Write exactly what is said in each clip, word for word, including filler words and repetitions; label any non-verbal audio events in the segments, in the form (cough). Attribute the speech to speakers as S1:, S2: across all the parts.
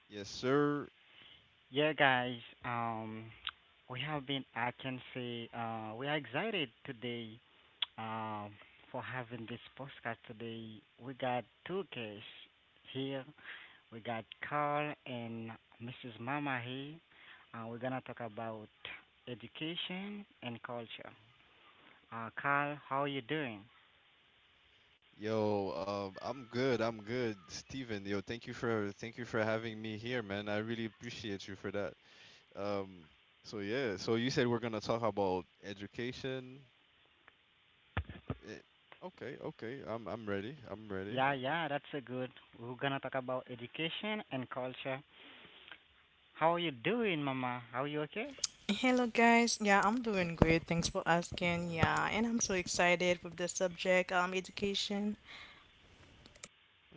S1: Yes, sir.
S2: Yeah, guys. Um, we have been. I can say uh, we are excited today um, for having this podcast today. We got two guests here. We got Carl and missus Mama here. Uh, we're gonna talk about education and culture. Uh, Carl, how are you doing?
S1: Yo, um, I'm good. I'm good, Steven. Yo, thank you for thank you for having me here, man. I really appreciate you for that. Um, so yeah, so you said we're gonna talk about education. Eh, okay, okay. I'm I'm ready. I'm ready.
S2: Yeah, yeah, that's a good. We're gonna talk about education and culture. How are you doing, Mama? Are you okay?
S3: Hello guys. Yeah, I'm doing great. Thanks for asking. Yeah, and I'm so excited with the subject um education.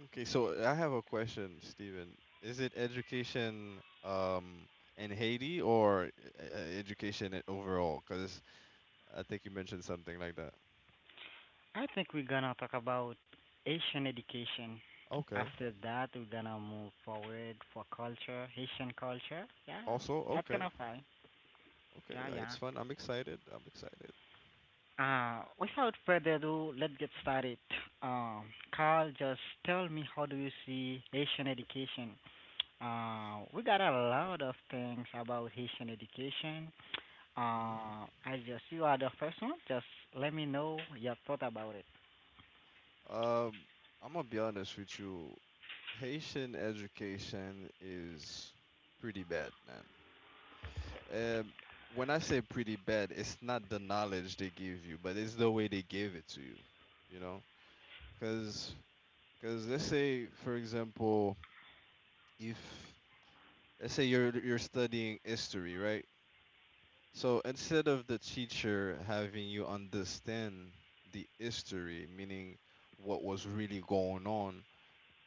S1: Okay, so I have a question, Steven. Is it education um in Haiti or uh, education i- overall? Because I think you mentioned something like that.
S2: I think we're gonna talk about Haitian education.
S1: Okay.
S2: After that, we're gonna move forward for culture, Haitian culture. Yeah,
S1: Also,
S2: that's
S1: okay.
S2: gonna fine.
S1: Okay,
S2: Yeah,
S1: yeah, it's
S2: yeah.
S1: fun. I'm excited. I'm excited.
S2: Uh, without further ado, let's get started. Um, Carl, just tell me how do you see Haitian education? Uh, we got a lot of things about Haitian education.
S1: Hmm.
S2: Uh, I just you are the first one. Just let me know your thought about it.
S1: Um, I'm gonna be honest with you. Haitian education is pretty bad, man. Um, when I say pretty bad, it's not the knowledge they give you, but it's the way they give it to you. You know, because because let's say, for example, if let's say you're you're studying history, right? So instead of the teacher having you understand the history, meaning what was really going on,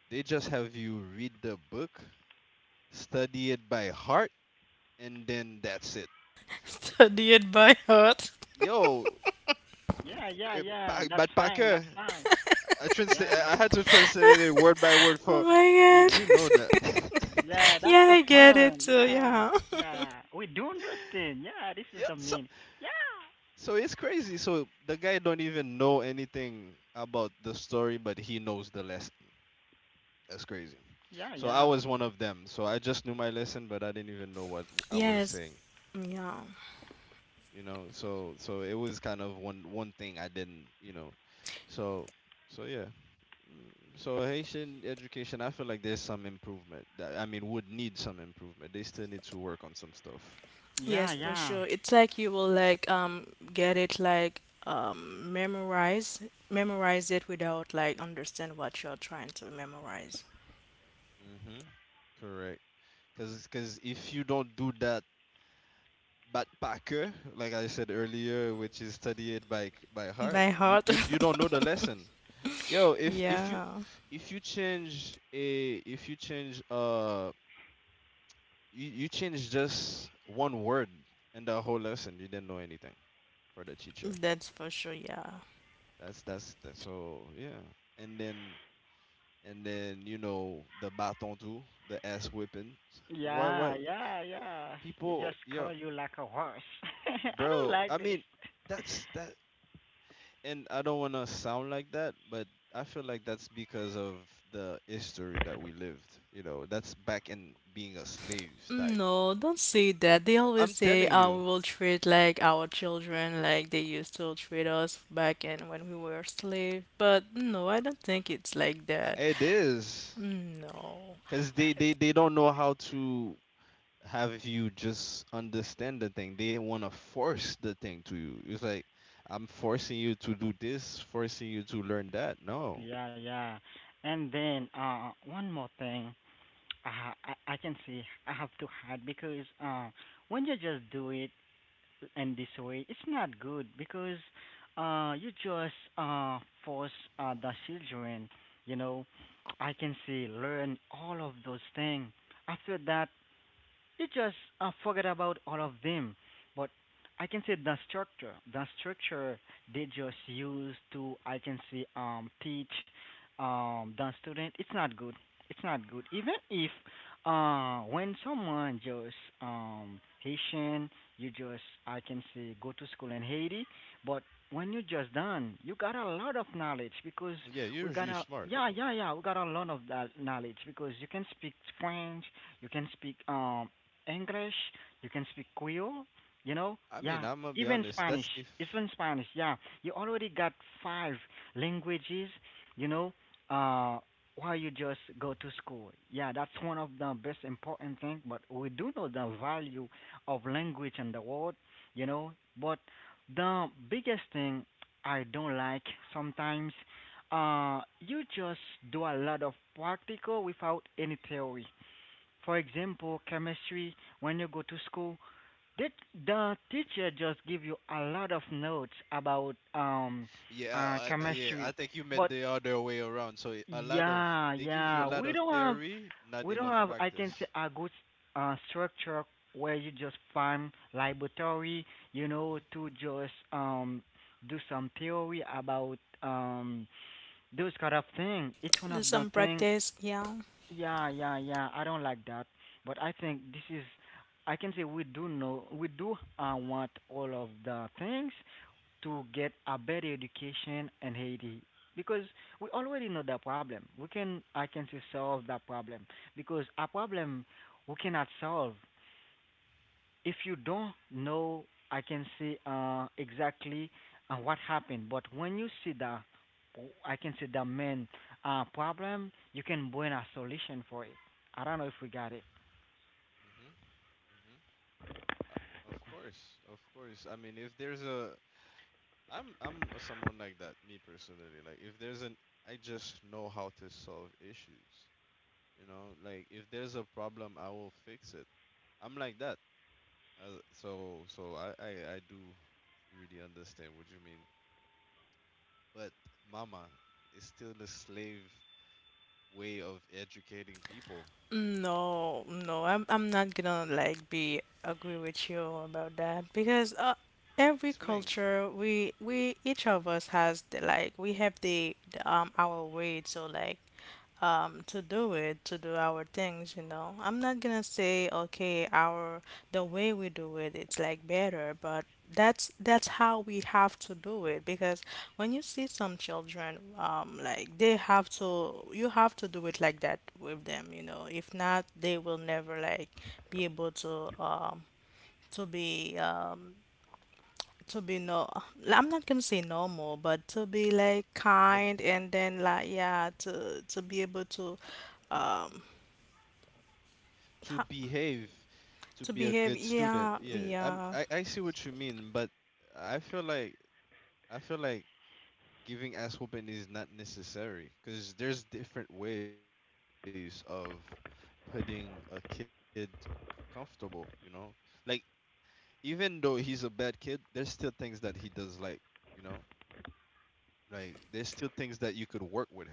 S1: they just have you read the book, study it by heart, and then that's it.
S3: (laughs)
S1: S
S3: Study it by heart. (laughs)
S1: Yo,
S2: Yeah,
S1: eh,
S2: yeah,
S1: Pa-
S2: yeah.
S1: but
S2: That's fine.
S1: Parker,
S2: That's fine.
S1: I translate.
S2: Yeah,
S1: I I had to translate it word by word
S3: Oh
S1: for you.
S3: my
S1: You know that.
S3: god.
S1: (laughs)
S3: (laughs)
S2: yeah,
S3: Yeah,
S2: that's
S3: I
S2: so
S3: get it
S2: fun.
S3: too. Yeah.
S2: Yeah, yeah, we do understand. Yeah, this
S1: Yeah,
S2: is the
S1: so
S2: mean.
S1: so it's crazy. So the guy don't even know anything about the story, but he knows the lesson. That's crazy.
S2: Yeah, yeah,
S1: So I
S2: yeah,
S1: was one of them. So I just knew my lesson, but I didn't even know what
S3: (laughs)
S1: I was
S3: Yes.
S1: saying.
S3: Yeah.
S1: You know, so so it was kind of one one thing I didn't. You know, so so yeah. Mm, So Haitian education, I feel like there's some improvement. That, I mean, would need some improvement. They still need to work on some stuff.
S3: Yes,
S1: Yeah.
S3: for
S2: yeah,
S3: sure. It's like you will like um get it like um memorize memorize it without like understand what you're trying to memorize.
S1: Mhm. Correct. Cause cause if you don't do that backpacker, like I said earlier, which is study it by c- by heart,
S3: By
S1: you
S3: heart?
S1: you, you
S3: (laughs)
S1: don't know the lesson. Yo, if if you
S3: Yeah,
S1: if you change a if you change uh you, you change just one word in the whole lesson, you didn't know anything for the teacher.
S3: that's for sure, yeah.
S1: That's that's that. So yeah, and then and then you know the baton too, the ass whipping. Why why
S2: yeah, yeah, yeah, yeah. You
S1: people
S2: just
S1: yo
S2: call you like a horse. (laughs) I
S1: bro?
S2: don't
S1: I
S2: like this.
S1: mean that's that and I don't want to sound like that, but I feel like that's because of the history that we lived. You know, that's back in being a slave type.
S3: No, don't say that. They always
S1: I'm
S3: say,
S1: telling
S3: oh,
S1: you,
S3: we will treat like our children like they used to treat us back in when we were slave. But no, I don't think it's like
S1: uh,
S3: that.
S1: it is
S3: No.
S1: because they, they, they don't know how to have you just understand the thing. They want to force the thing to you. It's like, I'm forcing you to do this, forcing you to learn that. No.
S2: Yeah, yeah. And then uh, one more thing, uh, I I can see I have to hide because uh, when you just do it, in this way it's not good because uh you just uh force uh, the children, you know I can say learn all of those things. After that you just uh, forget about all of them. But I can say the structure, the structure they just use to, I can say, um, teach um, the student. It's not good. It's not good. Even if uh, when someone just um, Haitian, you just, I can say, go to school in Haiti, but when you just done, you got a lot of knowledge because
S1: Yeah, you're
S2: we got
S1: usually
S2: a
S1: smart.
S2: yeah, yeah, yeah, we got a lot of that knowledge because you can speak French, you can speak um English, you can speak Creole, you know,
S1: I mean,
S2: yeah,
S1: I'm gonna be
S2: even
S1: honest.
S2: Spanish,
S1: That's if.
S2: even Spanish, yeah. You already got five languages, you know, uh, while you just go to school. Yeah, that's one of the best important thing, but we do know the value of language in the world, you know, but the biggest thing I don't like sometimes uh you just do a lot of practical without any theory. For example, chemistry, when you go to school, did the teacher just give you a lot of notes about um
S1: Yeah,
S2: uh
S1: I, I- yeah. I
S2: chemistry?
S1: think you meant
S2: But
S1: the other way around. So a lot of
S2: yeah,
S1: they give you a
S2: yeah,
S1: lot
S2: we
S1: of
S2: don't have
S1: theory, not
S2: we don't
S1: enough
S2: have I can say
S1: practice.
S2: a good uh structure where you just find laboratory, you know, to just um do some theory about um those kind of thing. It's one of
S3: There's
S2: the
S3: some
S2: thing,
S3: practice, yeah.
S2: yeah, yeah, yeah. I don't like that, but I think this is. I can say we do know we do uh, want all of the things to get a better education in Haiti because we already know the problem. We can I can say solve that problem because a problem we cannot solve if you don't know, I can say uh, exactly uh, what happened. But when you see the, I can say the main uh, problem, you can bring a solution for it. I don't know if we got it.
S1: Hmm, hmm, hmm. Uh, of course, of course. I mean, if there's a, I'm I'm a someone like that. Me personally, like if there's an, I just know how to solve issues. You know, like if there's a problem, I will fix it. I'm like that. Uh, so so I, I I do really understand what you mean. But mama is still the slave way of educating people.
S3: No, no, I'm I'm not gonna like be agree with you about that because uh, every
S1: Explain.
S3: culture we we each of us has the, like we have the, the um our way to like um to do it to do our things, you know. I'm not gonna say okay our the way we do it it's like better, but that's that's how we have to do it because when you see some children, um, like they have to, you have to do it like that with them, you know. If not, they will never like be able to, um, to be, um, to be no. I'm not gonna say normal, but to be like
S1: uh,
S3: kind and then like yeah, to to be able to, um,
S1: to
S3: ha-
S1: behave, to
S3: to
S1: be a
S3: behave.
S1: good student.
S3: Yeah,
S1: Yeah, I'm,
S3: yeah.
S1: I I see what you mean, but I feel like I feel like giving ass whooping is not necessary because there's different ways of putting a kid comfortable. You know, like even though he's a bad kid, there's still things that he does like. You know, like there's still things that you could work with him.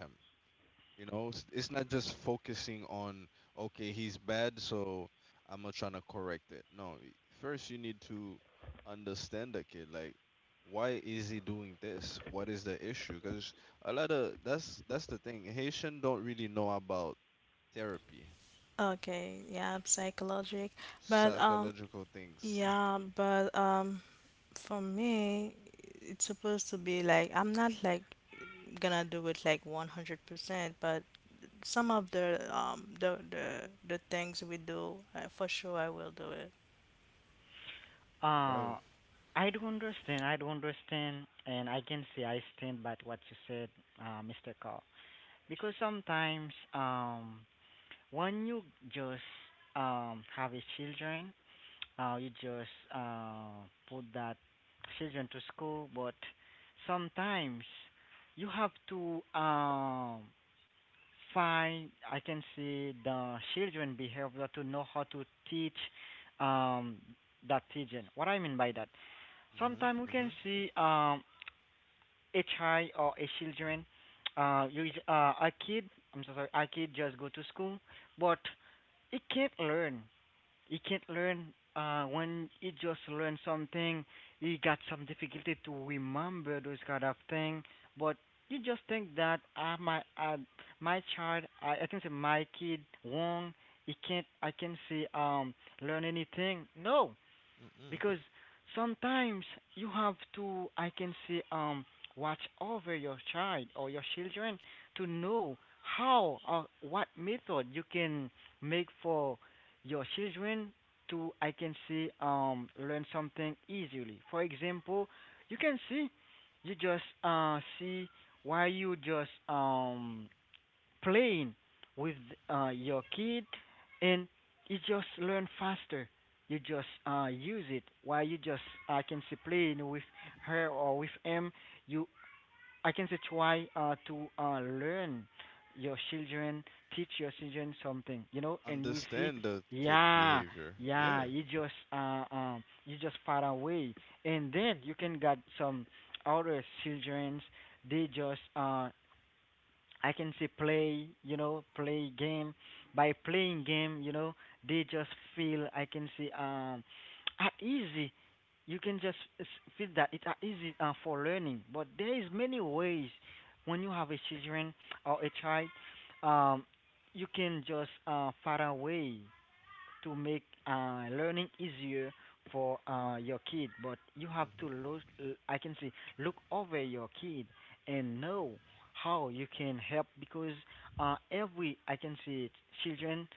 S1: You know, it's, it's not just focusing on, okay, he's bad, so I'm not trying to correct it. No, y- first you need to understand the kid. Like, why is he doing this? What is the issue? Because a lot of that's that's the thing. Haitian don't really know about therapy,
S3: Okay, yeah, psychologic, but um,
S1: psychological things,
S3: yeah, but um. For me, it's supposed to be like I'm not like gonna do it like one hundred percent, but some of the um the the the things we do, uh, for sure I will do it.
S2: Uh,
S1: bro.
S2: I do understand. I do understand, and I can say I stand by what you said, uh, mister Carl. Because sometimes, um, when you just um have a children, Uh, you just uh, put that children to school, but sometimes you have to um, find, I can say, the children behavior to know how to teach um, that children. What I mean by that,
S1: Mhm,
S2: sometimes we can
S1: mhm,
S2: see um, a child or a children, uh, you, uh, a kid, I'm so sorry, a kid just go to school, but it can't learn you can't learn uh when you just learn something, you got some difficulty to remember those kind of thing, but you just think that I my I, my child I, I can say my kid wrong. He can't I can say um learn anything. No,
S1: mhm.
S2: because sometimes you have to I can say um watch over your child or your children to know how or what method you can make for your children to I can say um learn something easily. For example, you can see you just uh see why you just um playing with uh, your kid, and you just learn faster. You just uh, use it while you just I can say playing with her or with him. You I can say try uh, to uh, learn your children, teach your children something, you know, and you will see,
S1: Understand the kid
S2: yeah,
S1: behavior.
S2: yeah,
S1: Yeah.
S2: you just uh, um, you just far away, and then you can get some other childrens. They just uh I can say play, you know, play game. By playing game, you know, they just feel I can say um at easy. You can just s- feel that it's are easy uh, for learning. But there is many ways when you have a children or a child, um, you can just uh, far away to make uh, learning easier for uh, your kid, but you have to
S1: Mhm.
S2: look. I can say look over your kid and know how you can help because uh, every I can say children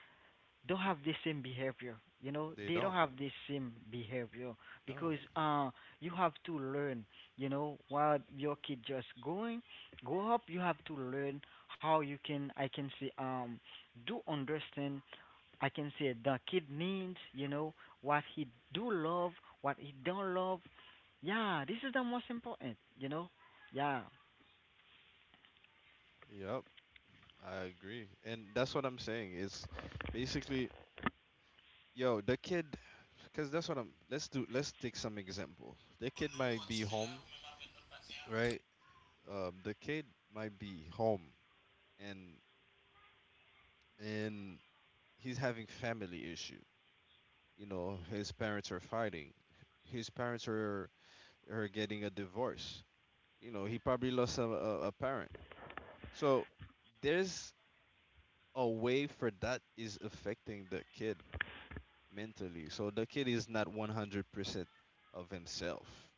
S2: don't have the same behavior. You know
S1: They
S2: they don't
S1: don't.
S2: have the same behavior
S1: No.
S2: because uh, you have to learn. You know while your kid just going grow up, you have to learn how you can I can say um do understand. I can say the kid needs, you know, what he do love, what he don't love. Yeah, this is the most important, you know. Yeah,
S1: Yep. I agree. And that's what I'm saying. It's basically, yo, the kid, because that's what I'm, let's do, let's take some example. The kid might be home, right? Um, the kid might be home and, and he's having family issue. You know, his parents are fighting. His parents are, are getting a divorce. You know, he probably lost a, a, a parent. So there's a way for that is affecting the kid mentally. So the kid is not one hundred percent of himself.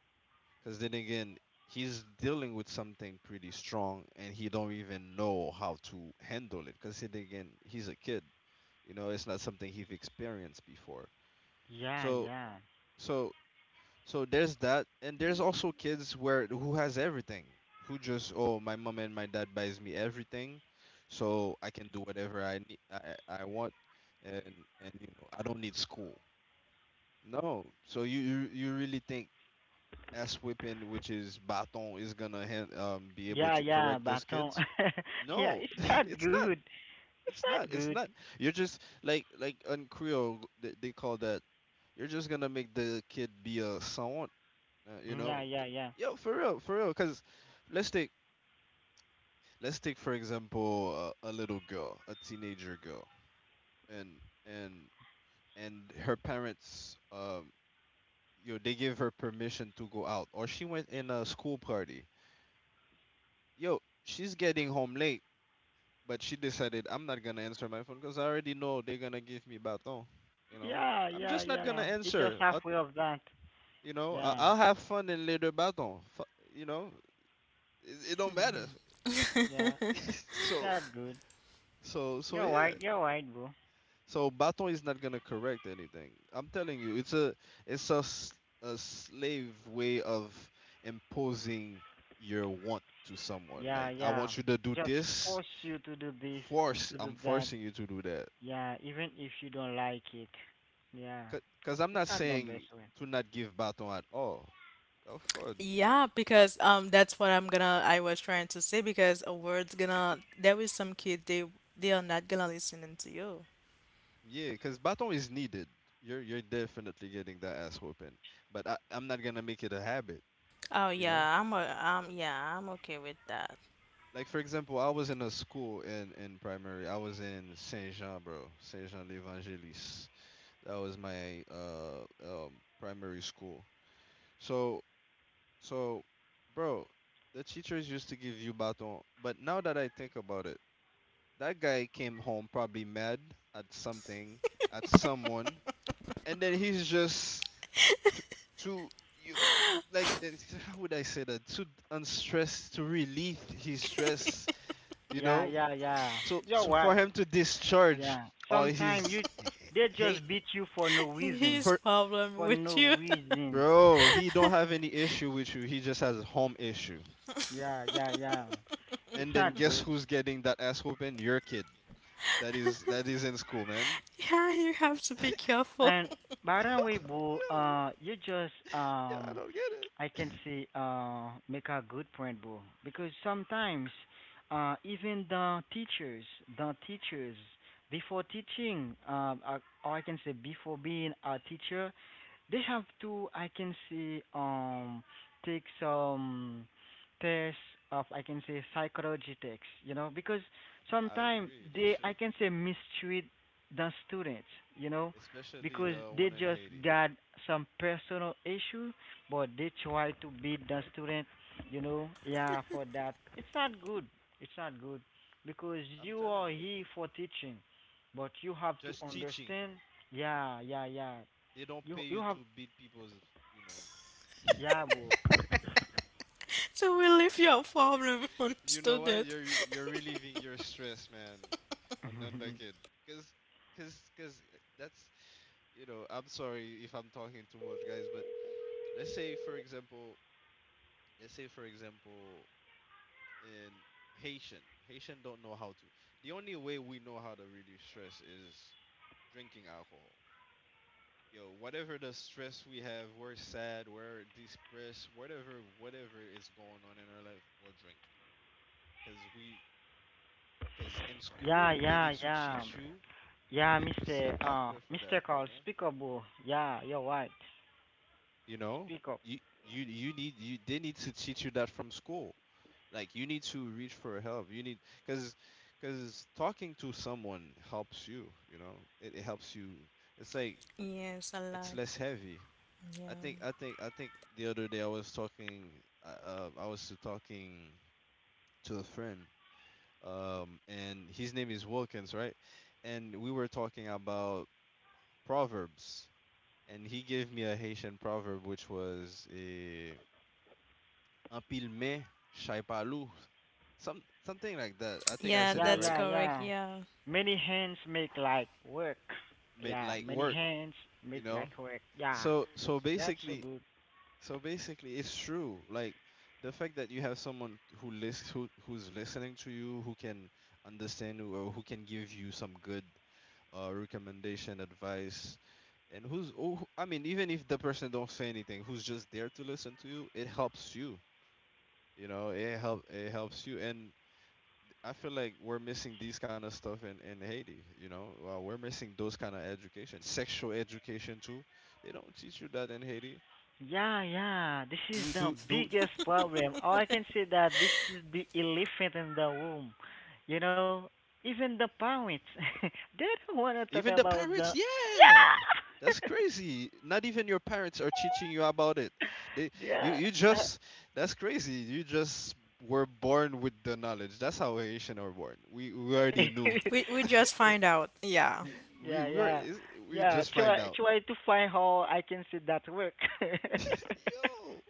S1: Because then again, he's dealing with something pretty strong and he don't even know how to handle it. Because then again, he's a kid. You know, it's not something he've experienced before.
S2: yeah,
S1: So,
S2: yeah,
S1: so, so there's that. And there's also kids where who has everything. Who just, oh, my mom and my dad buys me everything. So I can do whatever I need, I, I want. And, and you know, I don't need school. No, so you you you really think S whipping, which is baton, is gonna hand, um be able
S2: yeah,
S1: to
S2: yeah.
S1: correct those
S2: Baton.
S1: kids?
S2: (laughs) Yeah,
S1: No,
S2: it's
S1: (laughs)
S2: not
S1: it's not.
S2: good. It's
S1: It's
S2: not
S1: not. It's
S2: good.
S1: not. You're just like like in Creole they, they call that. You're just gonna make the kid be a savant, uh, you
S2: Yeah,
S1: know?
S2: yeah,
S1: K-
S2: yeah,
S1: Yo, for real, for real. Cause let's take let's take for example a, a little girl, a teenager girl, and and and her parents um Yo, they gave her permission to go out, or she went in a school party. Yo, she's getting home late, but she decided I'm not gonna answer my phone because I already know they're gonna give me baton. You know,
S2: yeah,
S1: I'm
S2: yeah,
S1: just not
S2: yeah.
S1: gonna
S2: It's just
S1: answer. I
S2: halfway of that.
S1: you know, I-
S2: Yeah,
S1: I'll have fun in later baton. Fu- You know, it, it don't matter.
S2: (laughs) yeah.
S4: (laughs)
S1: (laughs)
S2: It's
S1: so,
S2: not good.
S1: so, so
S2: You're right.
S1: yeah.
S2: You're right, bro.
S1: So Baton is not gonna correct anything. I'm telling you, it's a it's a, s- a slave way of imposing your want to someone.
S2: Yeah,
S1: Like I
S2: yeah.
S1: want you to do
S2: Just
S1: this.
S2: force you to do this,
S1: Force
S2: to do
S1: I'm
S2: that.
S1: forcing you to do that.
S2: Yeah, even if you don't like it. Yeah.
S1: Cause 'cause I'm
S2: It's
S1: not
S2: not the best
S1: saying
S2: way.
S1: to not give Baton at all. Of course,
S4: Yeah,
S1: uh,
S4: because um that's what I'm gonna I was trying to say because a word's gonna there is some kid they they are not gonna listening to you.
S1: yeah. Cause Baton is needed. You're you're definitely getting that ass whooping. But I, I'm not gonna make it a habit.
S4: Oh
S1: You know.
S4: yeah, I'm a, um yeah, I'm okay with that. (laughs)
S1: Like for example, I was in a school in in primary. I was in Saint Jean, bro. Saint Jean l'Evangelist. That was my uh um primary school. So so, bro, the teachers used to give you baton, but now that I think about it, that guy came home probably mad at something, at someone, and then he's just t- to you like (laughs) it's- how would I say that to unstress to relieve his stress, you
S2: Yeah,
S1: know.
S2: yeah, yeah.
S1: So,
S2: You're
S1: so for
S2: right.
S1: him to discharge
S2: Yeah.
S1: all
S2: Sometimes
S1: his
S2: you
S1: h-
S2: they
S1: hate
S2: just beat you for no reason.
S4: His
S1: for
S4: problem
S2: For
S4: with
S2: no
S4: you.
S2: reason.
S1: bro, he don't have any issue with you. He just has a home issue.
S2: Yeah, yeah, yeah.
S1: And
S2: It's
S1: then
S2: not
S1: guess
S2: good.
S1: who's getting that ass whooping? Your kid. That is that is
S4: (laughs)
S1: in school, man.
S4: Yeah, you have to be careful.
S2: And by the way, Boo,
S1: Yo,
S2: uh, you just
S1: yeah, I
S2: um,
S1: don't get it.
S2: I can see uh, make a good point, Boo, because sometimes uh, even the teachers, the teachers before teaching, um, uh, or or I can say before being a teacher, they have to I can see um take some tests of I can say psychology tests, you know, because
S1: I
S2: sometimes
S1: agree. They
S2: they I
S1: should,
S2: can say mistreat the students, you know
S1: especially
S2: because
S1: the one
S2: they
S1: in
S2: just
S1: Haiti.
S2: got some personal issue, but they try to beat the student, you know, yeah, for that. It's not good. It's not good because
S1: I'm
S2: you are
S1: telling you,
S2: here for teaching, but you have to
S1: just teaching.
S2: understand. Yeah, yeah, yeah.
S1: They don't
S2: You
S1: pay you
S2: you have,
S1: to beat people's, you know.
S2: yeah, bro.
S4: (laughs) so we leave your problem on
S1: You know what?
S4: student.
S1: You're you're relieving your stress, man, on on the kid.
S2: (laughs)
S1: Cause, cause, cause that's, you know. I'm sorry if I'm talking too much, guys. But let's say, for example, let's say, for example, in Haitian, Haitian don't know how to. The only way we know how to relieve stress is drinking alcohol. Yo, whatever the stress we have, we're sad, we're depressed, whatever, whatever is going on in our life, we're drinking. Cause we, cause in
S2: Yeah,
S1: school they need
S2: yeah,
S1: to
S2: yeah,
S1: teach you, you
S2: yeah,
S1: need to see a
S2: Mister uh,
S1: doctor for
S2: Mister
S1: that, you
S2: Carl,
S1: know.
S2: speak up, bro. Yeah, you're right.
S1: You know,
S2: Speak up.
S1: you you you need you they need to teach you that from school, like you need to reach for help. You need, because because talking to someone helps you, you know, it, it helps you. It's like
S4: (laughs) yes, a
S1: it's
S4: lot.
S1: less heavy.
S4: Yeah.
S1: I think i think i think the other day i was talking uh, uh, I was talking to a friend um and his name is Wilkins, right? And we were talking about proverbs, and he gave me a Haitian proverb which was eh, "En pile main, chai pas loup." Some something like that. I think I
S4: Yeah,
S1: said it
S2: Yeah,
S4: that's
S1: right.
S2: yeah,
S4: correct.
S2: yeah.
S4: Yeah.
S2: Many hands make like work.
S1: Made
S2: Yeah,
S1: like
S2: many
S1: work,
S2: hands
S1: you
S2: make
S1: know.
S2: like work. Yeah,
S1: So so
S2: that's so
S1: basically,
S2: good.
S1: so basically, it's true. Like the fact that you have someone who listens, who who's listening to you, who can understand you, or who can give you some good uh, recommendation, advice, and who's oh, I mean, even if the person don't say anything, who's just there to listen to you, it helps you. You know, it help it helps you, and I feel like we're missing these kind of stuff in in Haiti. You know, uh, we're missing those kind of education, sexual education too. They don't teach you that in Haiti.
S2: Yeah, yeah. This is
S1: Do
S2: the
S1: do do.
S2: biggest problem. Or I can
S4: (laughs)
S2: say that this is the elephant in the room. You know, even the parents, (laughs) they don't want to talk
S1: Even the
S2: about
S1: parents,
S2: the
S1: yeah, that's crazy. Not even your parents are teaching you about it. They, you,
S2: yeah.
S1: you just, that's crazy. You just were born with the knowledge. That's how Haitian are born. We we already knew.
S2: (laughs)
S4: we we just find out. Yeah.
S1: We
S2: Yeah,
S1: we are
S2: yeah,
S1: is- we
S2: yeah.
S1: just
S2: Try,
S1: find out.
S2: try to find how I can see that work. (laughs)
S1: (laughs) Yo.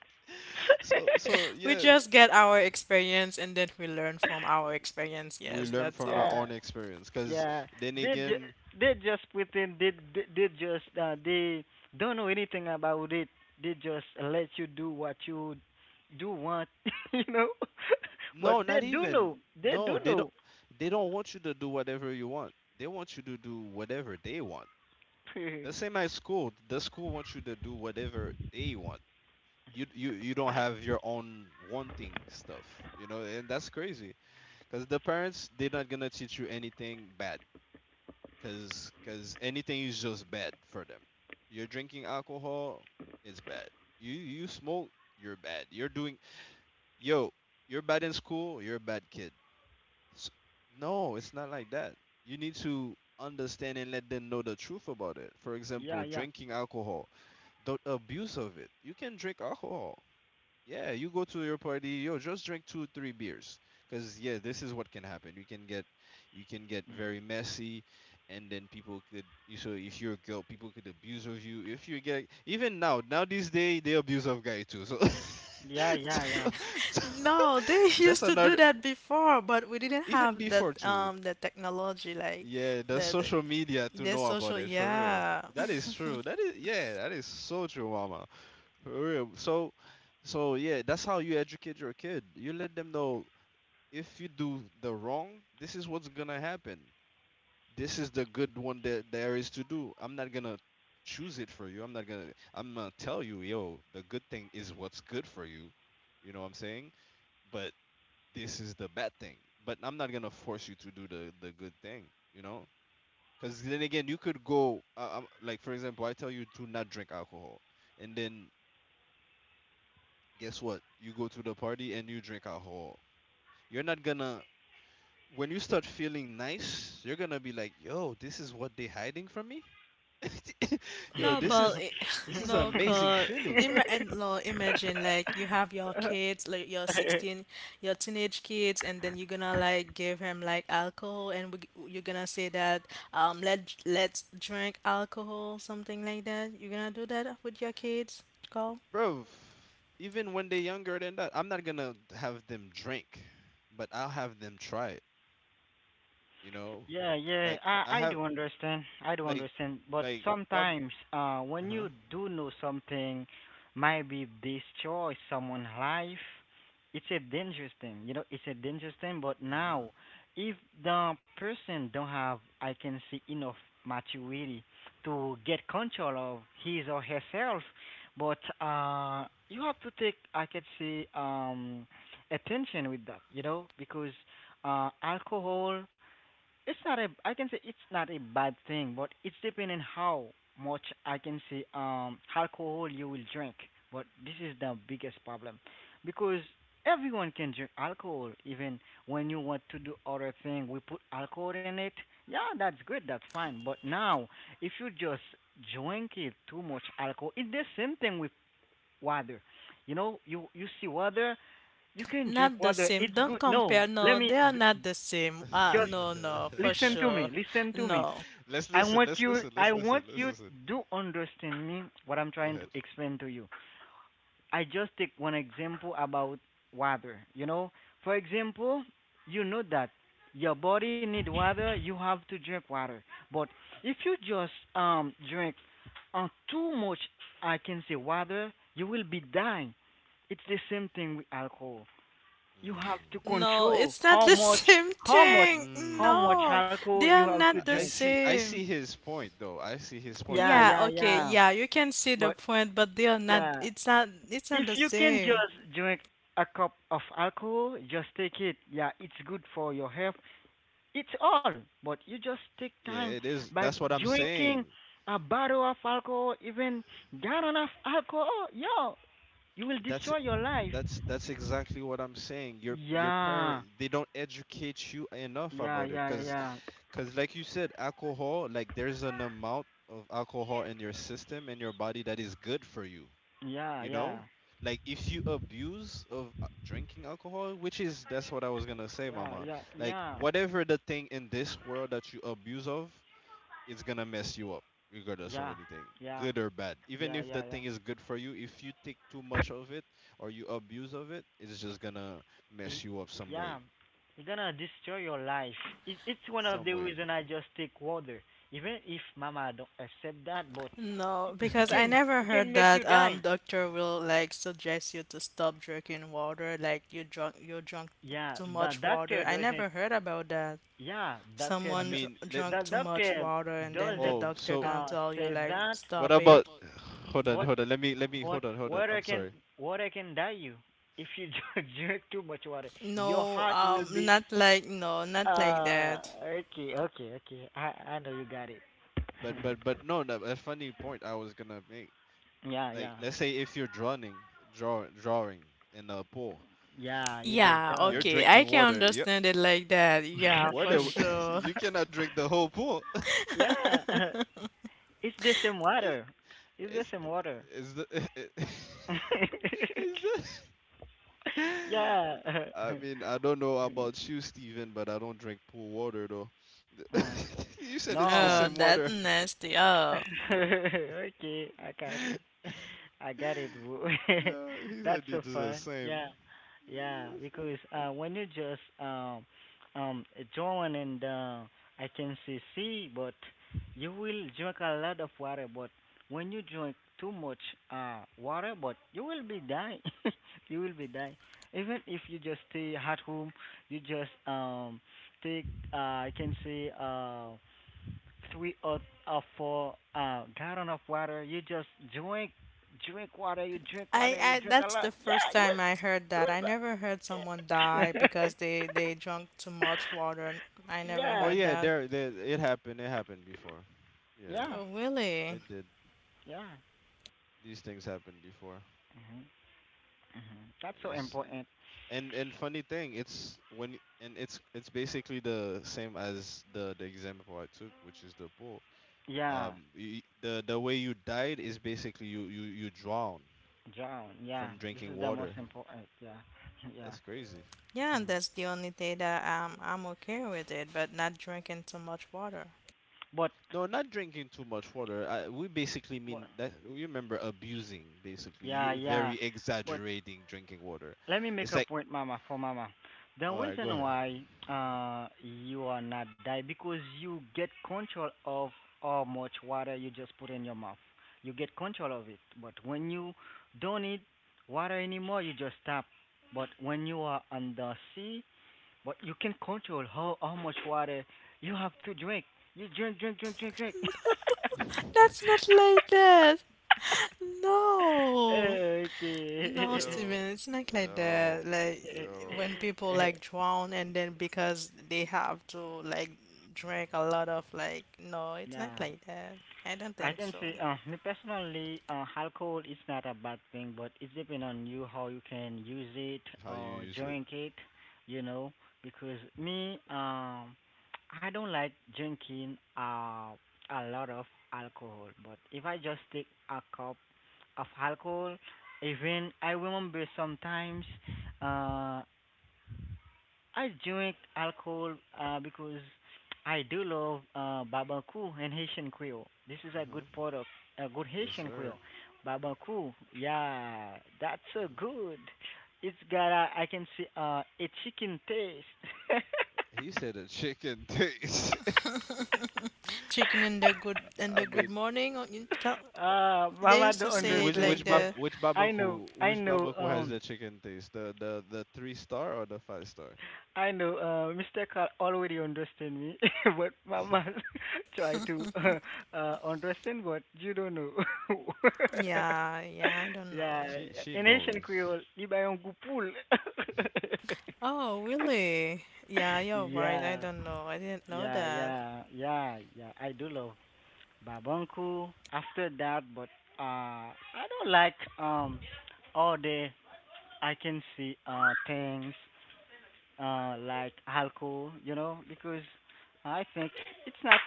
S1: So so
S4: We
S1: yeah,
S4: just get our experience and then we learn from our experience.
S1: we
S4: Yes,
S1: learn
S4: that's
S1: from our
S4: all.
S2: Yeah,
S1: own experience. 'Cause
S2: yeah.
S1: then
S2: They ju-
S1: again,
S2: they just pretend they they, they just uh, they don't know anything about it. They just let you do what you do want, (laughs) you know. (laughs) But
S1: no,
S2: they
S1: not
S2: do
S1: even.
S2: know. They do
S1: No, they don't.
S2: know.
S1: They don't want you to do whatever you want. They want you to do whatever they want.
S2: (laughs) Yeah,
S1: The same as school. The school wants you to do whatever they want. You you you don't have your own wanting stuff. You know, and that's crazy. 'Cause the parents they're not gonna teach you anything bad. cause cause anything is just bad for them. You're drinking alcohol, it's bad. You you smoke, you're bad. You're doing yo, you're bad in school, you're a bad kid. S No, it's not like that. You need to understand and let them know the truth about it. For example,
S2: yeah,
S1: drinking alcohol, the abuse of it. You can drink alcohol. Yeah, you go to your party, yo, just drink two, three beers. 'Cause yeah, this is what can happen. You can get you can get very messy and then people could you so if you're a girl, people could abuse of you. If you get even now, now these day they abuse of guy too. So,
S2: yeah,
S1: (laughs) so,
S2: yeah,
S1: so
S4: No, they (laughs)
S1: (laughs) that's
S4: used to do
S1: another
S4: that before, but we didn't
S1: even
S4: have
S1: before
S4: that
S1: too.
S4: um the technology like
S1: Yeah, the
S4: the the,
S1: social media to
S4: the
S1: know about
S4: social,
S1: it for real.
S4: yeah.
S1: That is
S4: (laughs)
S1: true. That is yeah, that is so true, mama. For real. So, so yeah, that's how you educate your kid. You let them know if you do the wrong, this is what's gonna happen. This is the good one that there is to do. I'm not gonna choose it for you. I'm not gonna. I'm gonna tell you, yo, the good thing is what's good for you. You know what I'm saying? But this is the bad thing. But I'm not gonna force you to do the the good thing. You know? Because then again, you could go. Uh, um, like for example, I tell you to not drink alcohol, and then guess what? You go to the party and you drink alcohol. You're not gonna when you start feeling nice, you're gonna be like, "Yo, this is what they hiding from me." (laughs) Yo,
S4: No,
S1: this
S4: but
S1: is
S4: i-
S1: this
S4: (laughs)
S1: is an
S4: no,
S1: amazing
S4: cause
S1: feeling,
S4: ima and no, imagine like you have your kids, like your
S2: yeah.
S4: sixteen,
S2: (laughs) (laughs)
S4: your teenage kids, and then you're gonna like give him like alcohol, and we, you're gonna say that um let let's drink alcohol, something like that. You're gonna do that with your kids, Call?
S1: bro. Even when they're younger than that, I'm not gonna have them drink, but I'll have them try it. You know,
S2: Yeah, yeah,
S1: like
S2: I
S1: I
S2: I
S1: have
S2: do understand. I do
S1: like
S2: understand. But
S1: like probably.
S2: sometimes, uh,
S1: Uh
S2: when
S1: huh.
S2: you do know something might be destroy someone's life, it's a dangerous thing. You know, it's a dangerous thing. But now, if the person don't have, I can see enough maturity to get control of his or herself. But uh, you have to take, I can see, um, attention with that. You know, because uh, alcohol it's not a I can say it's not a bad thing, but it's depending how much I can say um alcohol you will drink. But this is the biggest problem because everyone can drink alcohol. Even when you want to do other thing, we put alcohol in it. Yeah, that's good, that's fine. But now, if you just drink it too much alcohol, it's the same thing with water. You know you you see water, you can drink
S4: Not the
S2: water,
S4: same.
S2: it's
S4: Don't
S2: good. No,
S4: compare.
S2: let
S4: No,
S2: me
S4: they are
S2: d-
S4: not the same. Uh,
S2: just
S4: no, no, for
S1: Mm-hmm.
S2: listen to me.
S4: sure.
S2: Listen to me.
S4: No.
S1: (laughs) Let's
S2: I
S1: listen.
S2: want
S1: Let's
S2: you,
S1: listen.
S2: I
S1: Let's listen.
S2: want
S1: Let's
S2: you
S1: listen.
S2: to understand me what I'm
S1: Go
S2: trying to
S1: ahead.
S2: explain to you. I just take one example about water, you know? For example, you know that your body need water, you have to drink water. But if you just um drink uh, too much I can say water, you will be dying. It's the same thing with alcohol. You have to
S1: Mm.
S4: No,
S2: control
S4: it's not
S2: how
S4: the (laughs)
S2: much
S4: same
S2: how much
S4: thing.
S2: how much
S4: No,
S1: Mm,
S2: alcohol
S4: they
S2: you
S4: are
S2: have to
S1: I
S4: not the
S1: I
S2: drink.
S1: see. I
S4: same.
S1: see his point, though. I see his point
S2: Yeah,
S1: because
S4: Yeah,
S2: yeah,
S4: okay,
S1: I,
S2: yeah.
S4: yeah, you can see the
S2: But
S4: point, but they are not,
S2: yeah,
S4: it's not, it's not
S2: if
S4: the
S2: you can
S4: same.
S2: just drink a cup of alcohol, just take it. Yeah, it's good for your health. It's all, but you just take
S1: yeah,
S2: time
S1: it is.
S2: by
S1: That's what I'm
S2: drinking
S1: saying.
S2: a bottle of alcohol, even gallon of alcohol. Yo, you will
S1: That's
S2: destroy your life.
S1: that's that's exactly what I'm saying. Your your
S2: Yeah,
S1: parent they don't educate you enough
S2: yeah,
S1: about it
S2: yeah,
S1: because
S2: yeah,
S1: because like you said, alcohol like there's an amount of alcohol in your system and your body that is good for you.
S2: yeah,
S1: You
S2: yeah,
S1: know like if you abuse of uh, drinking alcohol which is that's what I was gonna say,
S2: yeah,
S1: mama,
S2: yeah,
S1: like
S2: yeah,
S1: whatever the thing in this world that you abuse of, it's gonna mess you up regardless
S2: yeah,
S1: of anything
S2: yeah,
S1: good or bad. Even
S2: yeah,
S1: if
S2: yeah.
S1: the
S2: Yeah.
S1: thing is good for you, if you take too much of it or you abuse of it, it's just gonna
S2: Y-
S1: mess you up some
S2: Yeah,
S1: way,
S2: it's gonna destroy your life. It, it's one of the
S1: some way
S2: reason I just take water, even if Mama don't accept that. But
S4: No,
S2: it
S4: because I
S2: can
S1: (laughs)
S2: it
S4: never
S2: can
S4: heard
S2: make you
S4: that
S2: die.
S4: um doctor will like suggest you to stop drinking water, like you drunk you drunk
S2: Yeah,
S4: too
S2: the
S4: much
S2: doctor
S4: water. I
S2: doesn't.
S4: never heard about that.
S2: Yeah, doctor
S1: I
S2: do,
S4: Someone
S1: mean,
S4: dr
S1: let
S2: the
S4: drunk too much
S2: doctor
S4: water and then the
S2: doesn't
S1: oh
S4: doctor
S1: so
S4: gonna
S2: uh
S4: tell you
S2: say
S4: like
S2: that.
S1: what
S4: stop it.
S1: about, (sighs) hold on,
S2: But
S1: hold on, let me let me
S2: but
S1: hold on, hold on,
S2: water
S1: I'm
S2: can
S1: sorry,
S2: water can die you if you (laughs) don't drink too much water. Your
S4: No,
S2: heart will
S4: um
S2: be
S4: not like no, not like
S2: uh
S4: that.
S2: okay okay okay. I I know you got it.
S1: but but but no, no, a funny point I was gonna make,
S2: Yeah,
S1: like
S2: yeah.
S1: let's say if you're drowning, draw, drawing in a pool,
S2: Yeah, you just
S4: Yeah,
S1: you're
S2: joined.
S4: okay. I
S1: drinking
S4: can
S1: water, you,
S4: understand it like that. Yeah, for
S1: water
S2: (laughs)
S1: (laughs)
S4: sure.
S1: you cannot drink the whole pool. (laughs)
S2: yeah, (laughs)
S4: (laughs)
S2: it's the same water. It's the
S1: it's
S2: same water.
S1: it's, it's the (laughs)
S2: (laughs)
S1: it's the (laughs)
S2: yeah.
S1: I
S2: (laughs)
S1: mean, I don't know about you, Steven, but I don't drink pool water though. (laughs)
S2: Mm.
S1: You said it's the
S2: No.
S4: Oh,
S1: same
S4: that's
S1: water.
S4: nasty. Oh.
S2: (laughs) okay, I
S1: (laughs)
S2: got
S1: Yeah,
S2: it. I got it, bro.
S1: he
S2: (laughs) That's
S1: said
S2: so
S1: it's the
S2: fun.
S1: same.
S2: Yeah, yeah.
S1: It's the same.
S2: Because uh, when you just um um join and uh, I can say see, but you will drink a lot of water. But when you drink too much uh water, but you will be dying. (laughs) you will be dying. Even if you just stay at home, you just um take uh I can say uh three or uh, four uh, gallon of water. You just drink, drink water. You drink
S4: I,
S2: water. You
S4: I
S2: drink a
S4: that's the
S2: lot.
S4: first
S2: Yeah, you
S4: time
S2: will.
S4: I heard that.
S2: You
S4: I never heard someone
S2: will.
S4: die
S2: be- (laughs)
S4: because they they drank too much water. I never
S1: Oh
S2: yeah,
S4: heard
S1: yeah,
S4: that.
S1: there, there it happened. It happened before. Yeah,
S2: yeah,
S4: Oh, really?
S1: it did.
S2: yeah.
S1: These things happened before,
S2: Hmm. Hmm. That's
S1: and
S2: so
S1: that's
S2: important.
S1: and and funny thing, it's when y- and it's it's basically the same as the the example I took, which is the pool.
S2: Yeah,
S1: Um, y the the way you died is basically you you you drown
S2: John. Yeah,
S1: from
S2: this
S1: drinking
S2: is the most
S1: water.
S2: important. Yeah, (laughs) yeah.
S1: That's crazy.
S4: Yeah,
S2: Mhm.
S4: that's the only day that um I'm okay with it, but not drinking too much water.
S2: But,
S1: No, not drinking too much water. I, we basically
S2: but,
S1: mean that you remember abusing, basically.
S2: yeah,
S1: You
S2: yeah.
S1: very
S2: But
S1: exaggerating drinking water.
S2: let me
S1: It's
S2: make a
S1: like,
S2: point, Mama, for Mama. The
S1: all right, go
S2: reason why uh you are not die because you get control of how much water you just put in your mouth. You get control of it. But when you don't need water anymore, you just stop. But when you are on the sea, but you can control how how much water you have to drink. You drink, drink, drink, drink, drink.
S4: (laughs)
S1: ahead.
S4: That's not
S1: (laughs)
S4: like that.
S2: (laughs)
S4: No. No,
S2: okay.
S4: Steven,
S1: Yo,
S4: it's not like that.
S1: yo,
S4: Like when
S1: yo.
S4: people
S2: (laughs)
S4: like drown and then because they
S1: N-
S4: have to like drink a lot of like no, it's not
S2: nah.
S4: like that. I don't
S2: I
S4: think
S2: can
S4: so.
S2: say, uh, me personally, uh, alcohol is not a bad thing, but it depends on you how you can use it
S1: How you
S2: or
S1: use it?
S2: drink it, you know. Because me, um, I don't like drinking uh a lot of alcohol. But if I just take a cup of alcohol, even I remember sometimes, uh, I drink alcohol uh, because I do love uh, barbecue and Haitian Creole. This is a good
S1: Mm-hmm.
S2: product, a good
S1: Yes,
S2: Haitian
S1: sir.
S2: Creole. Barbecue, yeah, that's so
S1: Mm-hmm.
S2: good. It's got a, I can see uh, a chicken taste.
S1: He said a chicken taste.
S4: (laughs) Chicken in the good
S1: (laughs)
S4: in
S1: I
S4: the good
S1: mean,
S4: morning or in Cal-
S2: (laughs) uh,
S4: they
S2: Mama
S4: used to
S2: don't
S1: I mean,
S4: say it
S1: which
S2: understand,
S4: like
S1: which
S2: but
S1: bab
S4: the
S1: which
S2: I know,
S1: babaku
S2: I
S1: which
S2: know.
S1: babaku has
S2: Um,
S1: the chicken taste? The the the three star or the five star?
S2: I know uh, mister Carl already understand me, (laughs) but my mom
S1: (laughs)
S2: (laughs) try to uh,
S4: (laughs)
S2: uh, understand but you don't know. (laughs)
S4: yeah, yeah, I don't
S2: yeah,
S4: know.
S1: She she
S2: in Haitian
S1: knows.
S2: Creole, libayong gupul.
S4: Oh, really? Yeah,
S2: (laughs)
S4: you're right. I
S2: yeah,
S4: don't know. I didn't know
S2: yeah,
S4: that.
S2: yeah, yeah, yeah. I do love babanku. After that, but uh, I don't like um all the I can see uh things uh, like alcohol, you know, because I think it's not.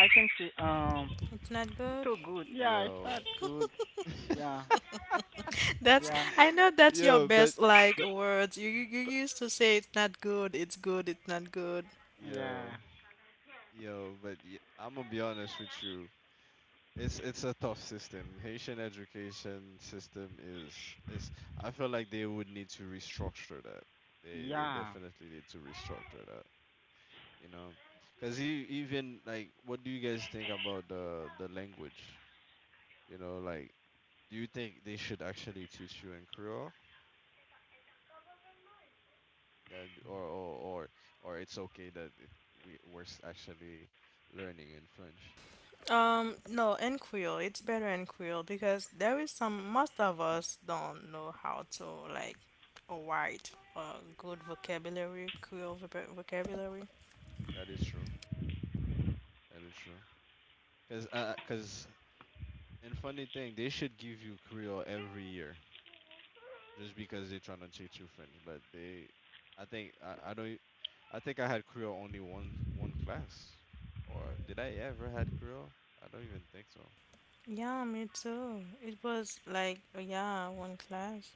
S2: I think she- um
S4: It's not good.
S2: too good. Yeah, it's
S1: Yo,
S2: not good. Yeah,
S4: That's
S2: yeah,
S4: I know that's your
S1: yo, but
S4: best like
S1: but
S4: words. You you you
S1: but
S4: used to say it's not good, it's good, it's not good.
S1: yo,
S2: yeah,
S1: yo, but y I'm gonna be honest with you. It's it's a tough system. Haitian education system is is I feel like they would need to restructure that. They they
S2: yeah,
S1: definitely need to restructure that, you know. 'Cause you even like what do you guys think about the the language? You know, like do you think they should actually teach you in Creole? That or or or, or it's okay that it, we we're s- actually learning in French.
S4: Um, no, in Creole, it's better in Creole because there is some most of us don't know how to like write a good vocabulary, Creole voc- vocabulary.
S1: That is true. That is true. Cause uh, cause and funny thing, they should give you Creole every year just because they're trying to teach you French. But they, I think I, I don't. E, I think I had Creole only one one class, or did I ever had Creole? I don't even think so.
S4: Yeah, me too. It was like yeah, one class.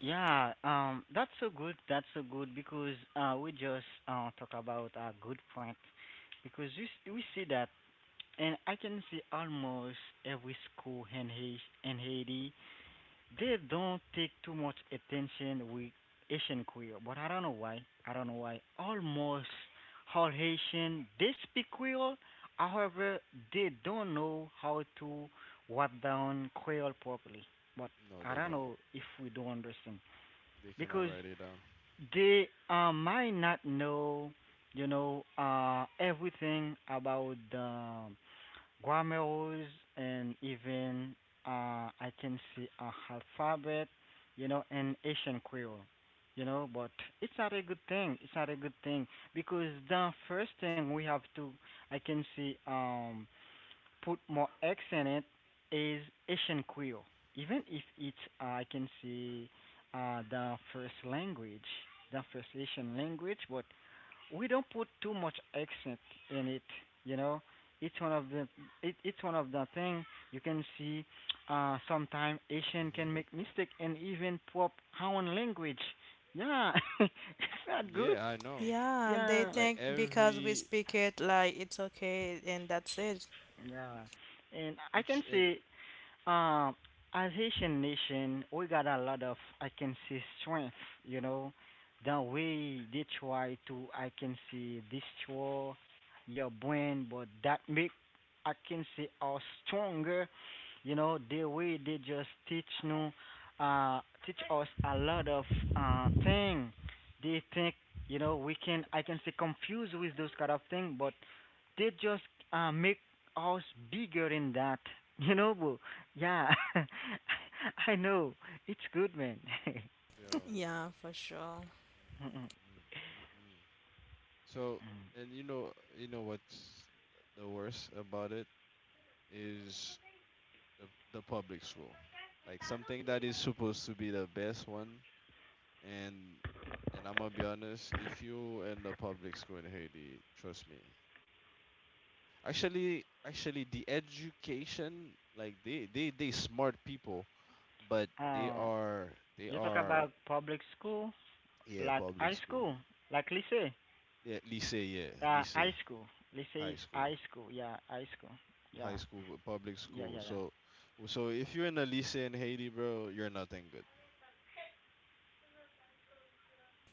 S2: yeah. Um, that's so good. That's so good because uh we just uh talk about a good point because we s- we see that and I can see almost every school in Haiti in Haiti. They don't take too much attention with Asian Creole, but I don't know why. I don't know why. Almost all Haitian they speak Creole, however, they don't know how to write down Creole properly. But
S1: No,
S2: I
S1: they
S2: don't
S1: don't.
S2: know if we don't understand
S1: They cannot
S2: because
S1: write it down.
S2: they uh, might not know, you know, uh, everything about the grammar's and even uh, I can see a alphabet, you know, and Asian Creole, you know. But it's not a good thing. It's not a good thing because the first thing we have to I can see um put more X in it is Asian Ishinquil. Even if it's, uh, I can say, uh, the first language, the first Asian language, but we don't put too much accent in it. You know, it's one of the it, it's one of the thing you can see. Uh, sometimes Asian
S1: Hmm.
S2: can make mistake and even pop our own language. Yeah, (laughs) it's not good.
S1: Yeah, I know.
S4: Yeah, they
S2: Yeah,
S1: Like
S4: think because we
S1: every
S4: speak it like it's okay and that's it.
S2: yeah, and I
S1: each
S2: can
S1: and
S2: say Um, as Haitian nation, we got a lot of I can see strength. You know, the way they try to I can see destroy your brain, but that make I can see us stronger. You know, the way they just teach no, uh, teach us a lot of uh thing. They think you know we can I can say confuse with those kind of thing, but they just uh make us bigger in that. (laughs) You know, bro. Yeah, (laughs) I know. It's good, man.
S1: yo.
S4: Yeah, for sure.
S1: Mm,
S2: (laughs)
S1: mm, mm, mm. So and you know, you know what's the worst about it is the, the public school, like something that is supposed to be the best one, and and I'm gonna be honest, if you in the public school in Haiti, trust me, actually actually the education like they they they smart people, but they
S2: uh,
S1: are they
S2: you talk
S1: are
S2: about public school,
S1: yeah
S2: like
S1: public
S2: high
S1: school,
S2: school, like lycée.
S1: yeah lycée, yeah
S2: Uh,
S1: lycée,
S2: high school. Lycée is
S1: high school,
S2: high school. Yeah, high school. Yeah,
S1: high school, public
S2: yeah, yeah,
S1: school,
S2: yeah.
S1: so so if you're in a lycée in Haiti, bro, you're nothing good.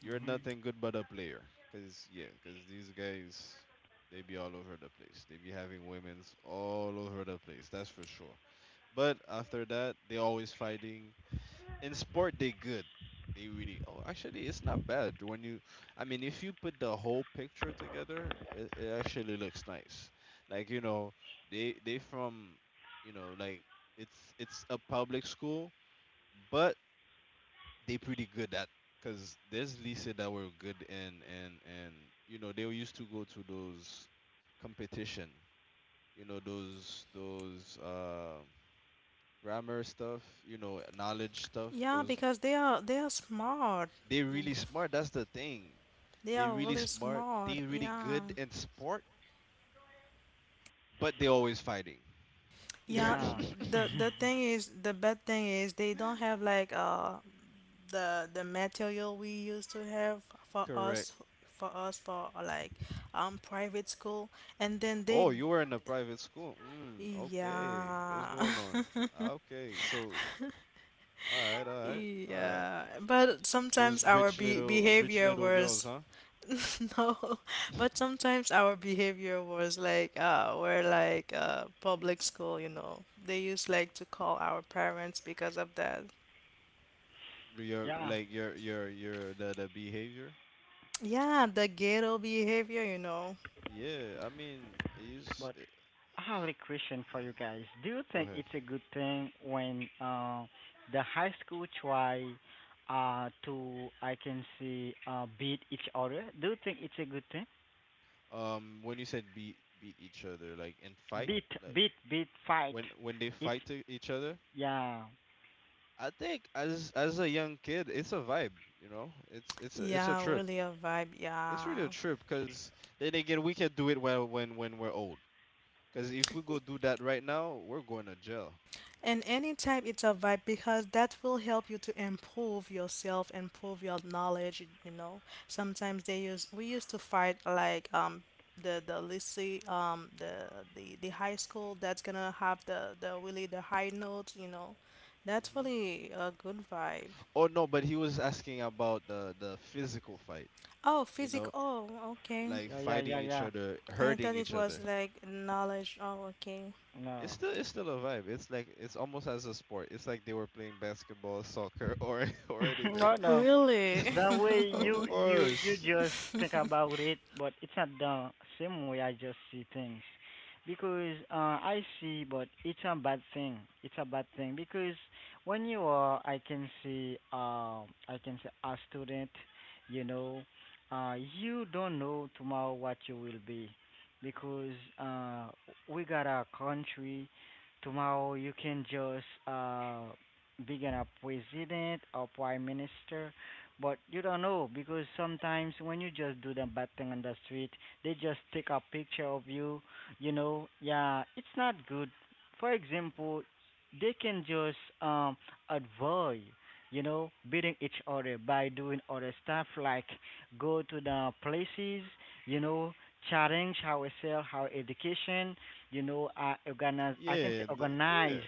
S1: You're nothing good but a player. 'Cause yeah, 'cause these guys they be all over the place. They be having women's all over the place. That's for sure. But after that, they always fighting. In sport, they good. They really. Oh, actually, it's not bad when you. I mean, if you put the whole picture together, it, it actually looks nice. Like, you know, they they from, you know, like it's it's a public school, but they pretty good at, because there's Lisa that were good, and and and you know they used to go to those competition, you know those those uh, grammar stuff, you know, knowledge stuff
S4: Yeah,
S1: those,
S4: because they are they are smart.
S1: they really smart, that's the thing.
S4: They
S1: They
S4: are
S1: really
S4: really
S1: smart,
S4: smart.
S1: they really
S4: Yeah.
S1: good in sport, but they always fighting.
S4: Yeah,
S1: (laughs)
S2: Yeah,
S4: the the thing is the bad thing is they don't have like uh the the material we used to have for
S1: Correct.
S4: us for us for like um private school and then they,
S1: Oh, you were in a private school, mm, okay, what's
S4: yeah.
S1: going on? Ah,
S4: (laughs)
S1: okay, so all right, all right, all right.
S4: Yeah, but sometimes
S1: Those
S4: our
S1: rich
S4: be
S1: little rich
S4: behavior
S1: little girls,
S4: was
S1: huh?
S4: (laughs) No, but
S1: (laughs)
S4: sometimes our behavior was like, uh, we're like, uh, public school, you know. They used like to call our parents because of that.
S2: (laughs)
S1: Your
S2: yeah.
S1: like your your your the, the behavior.
S4: Yeah, the ghetto behavior, you know.
S1: Yeah, I mean, you s-
S2: But
S1: eh,
S2: I have a question for you guys. Do you
S1: go
S2: think
S1: ahead.
S2: it's a good thing when uh, the high school try uh, to I can say uh, beat each other? Do you think it's a good thing?
S1: Um, when you said beat beat each other, like and fight,
S2: Beat,
S1: like
S2: beat, beat, fight.
S1: when when they
S2: It,
S1: fight to each other,
S2: yeah,
S1: I think as as a young kid, it's a vibe, you know. It's it's a, it's a
S4: Yeah,
S1: trip.
S4: really a vibe.
S1: It's really a
S4: Yeah.
S1: trip because then again, we can do it well when when we're old. Because if we go do that right now, we're going to jail.
S4: And anytime it's a vibe, because that will help you to improve yourself, improve your knowledge. You know, sometimes they use we used to fight like um the the lycée, um the the the high school that's gonna have the the really the high notes. You know, that's
S1: Hmm.
S4: really a good vibe.
S1: Oh no, but he was asking about the the physical fight.
S4: Oh,
S1: You
S4: physical.
S1: know,
S4: Oh, okay.
S1: like
S2: yeah, yeah,
S1: fighting
S2: yeah,
S1: each
S2: yeah.
S1: other,
S4: I thought
S1: hurting
S4: it
S1: each
S4: was
S1: other.
S4: like knowledge. Oh, okay.
S1: It's
S2: No,
S1: still it's still a vibe. It's like it's almost as a sport. It's like they were playing basketball, soccer, or (laughs) or
S2: (laughs)
S1: anything.
S2: no, no.
S4: Really.
S2: The
S1: (laughs)
S2: way
S1: Of
S2: you you you
S1: course.
S2: just think
S4: (laughs)
S2: about it, but it's not the same way I just see things. Because uh, I see, but it's a bad thing. It's a bad thing because when you are, I can see, uh, I can say a student, you know, uh, you don't know tomorrow what you will be, because uh, we got a country. Tomorrow you can just uh, become a president or prime minister but you don't know because sometimes when you just do the bad thing on the street, they just take a picture of you. You know, yeah, it's not good. For example, they can just um avoid, you know, beating each other by doing other stuff like go to the places, you know, challenge ourselves, our education, you know, uh, organize. I can
S1: Yeah,
S2: say
S1: the, yeah.
S2: organize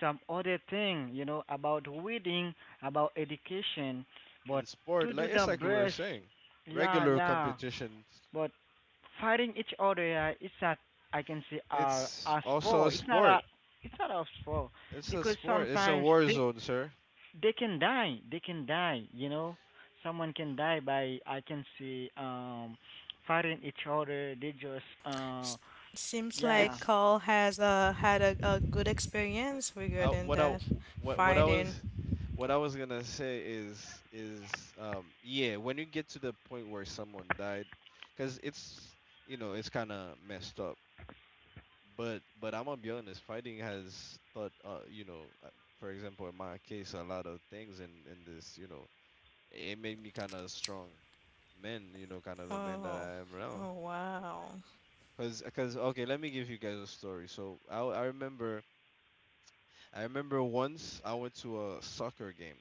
S2: some other thing, you know, about reading, about education
S1: In
S2: but
S1: sport,
S2: to do
S1: like
S2: the
S1: it's like we were
S2: burst.
S1: saying,
S2: Yeah,
S1: regular
S2: yeah.
S1: competitions.
S2: But fighting each other, yeah, it's not. I can say uh,
S1: It's
S2: a
S1: also a
S2: sport. It's not a.
S1: sport.
S2: It's not a sport
S1: It's a
S2: because
S1: sport. It's a
S2: sometimes
S1: war
S2: they
S1: zone, sir.
S2: they can die. They can die. You know, someone can die by I can say um fighting each other. They just uh
S4: S- Seems
S2: yeah.
S4: like
S1: It's
S4: Carl has uh, had a, a good experience
S1: uh,
S4: regarding
S1: what I
S4: that
S1: what what I
S4: fighting.
S1: was what I was gonna say is is um yeah, when you get to the point where someone died, because it's, you know, it's kind of messed up. But but I'm gonna be honest, fighting has taught uh you know uh, for example in my case a lot of things in in this, you know, it made me kind of strong men, you know, kind of the men that
S4: Oh,
S1: I am now.
S4: oh wow.
S1: 'Cause, 'cause, okay, let me give you guys a story. So I, I remember, I remember once I went to a soccer game,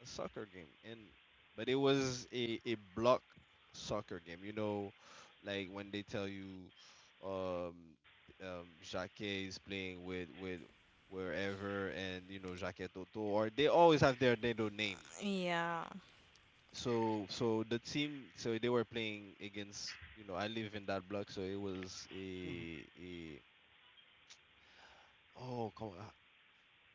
S1: a soccer game, and but it was a a block soccer game. You know, like when they tell you, um, um, Jacques is playing with with wherever. And you know, Jacques Toto, or they always have their little name.
S4: Yeah.
S1: So so the team, so they were playing against, you know, I live in that block, so it was a a oh, come on,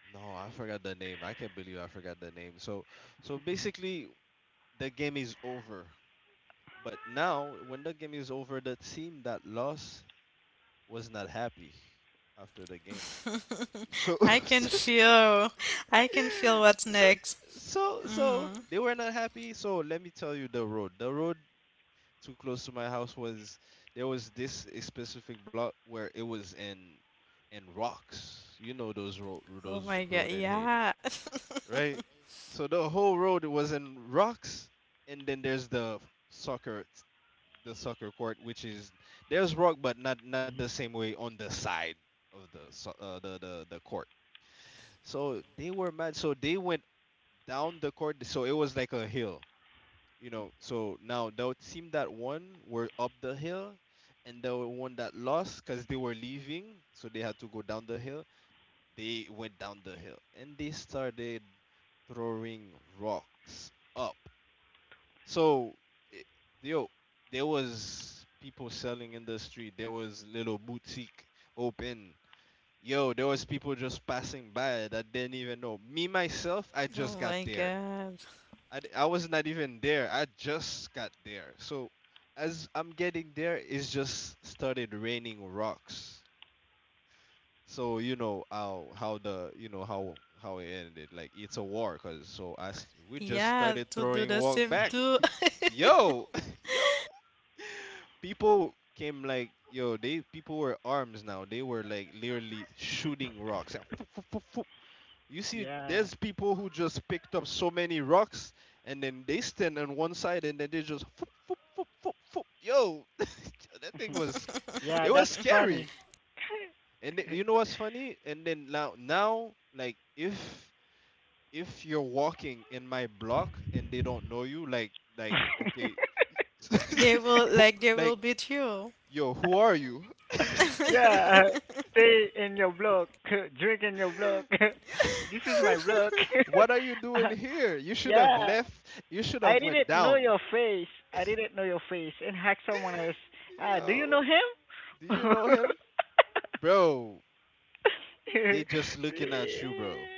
S1: no, I forgot the name. I can't believe I forgot the name. So so basically, the game is over, but now when the game is over, the team that lost was not happy after the game.
S4: (laughs)
S1: So
S4: I can feel, I can feel
S1: (laughs)
S4: what's
S1: so
S4: next.
S1: so so
S4: Mm.
S1: they were not happy. So let me tell you, the road the road too close to my house was, there was this a specific block where it was in in rocks. You know those road
S4: Oh
S1: those
S4: my God,
S1: road in Haiti,
S4: yeah. (laughs)
S1: right? So the whole road was in rocks, and then there's the soccer t- the soccer court, which is, there's rock, but not not the same
S2: (laughs)
S1: way on the side of the so- uh, the the the court. So they were mad. So they went down the court. So it was like a hill, you know, so now the team that won were up the hill, and the one that lost, because they were leaving, so they had to go down the hill, they went down the hill and they started throwing rocks up. So, it, yo, there was people selling in the street, there was little boutique open. Yo, there was people just passing by that didn't even know. Me myself, I just
S4: Oh
S1: got
S4: my
S1: there.
S4: God.
S1: I, d- I was not even there. I just got there. So as I'm getting there, it's just started raining rocks. So you know how how the you know how how it ended. Like it's a war, cause so I s- we just
S4: Yeah,
S1: started
S4: to do
S1: throwing
S4: the
S1: walk
S4: same
S1: back.
S4: too. (laughs)
S1: Yo, (laughs) yo, people came like yo. They People were arms now. They were like literally shooting rocks, like, (laughs) you see, there's
S2: yeah
S1: people who just picked up so many rocks and then they stand on one side and then they just foop, foop, foop, foop, foop. Yo, (laughs) that thing was
S2: (laughs)
S1: it
S2: yeah.
S1: was
S2: That's
S1: scary.
S2: funny.
S1: And th- you know what's funny? And then, now now, like, if if you're walking in my block and they don't know you, like, like okay,
S2: (laughs)
S1: (laughs)
S4: They will,
S1: who-
S4: like, they
S1: like,
S4: will beat you.
S1: yo, who are you? (laughs)
S2: (laughs) yeah, uh,
S4: (laughs)
S2: stay in your block, (laughs) drink in your block.
S1: Yeah.
S2: (laughs) this is my
S1: Yo,
S2: block. (laughs)
S1: what are you doing
S2: Uh,
S1: here? You should
S2: yeah,
S1: have left. You should
S2: I
S1: have went
S2: didn't know
S1: down.
S2: your face. I didn't know your face and hack someone else. Ah, do you
S1: Yo,
S2: know him?
S1: do you know him? Bro, they just looking at you, bro.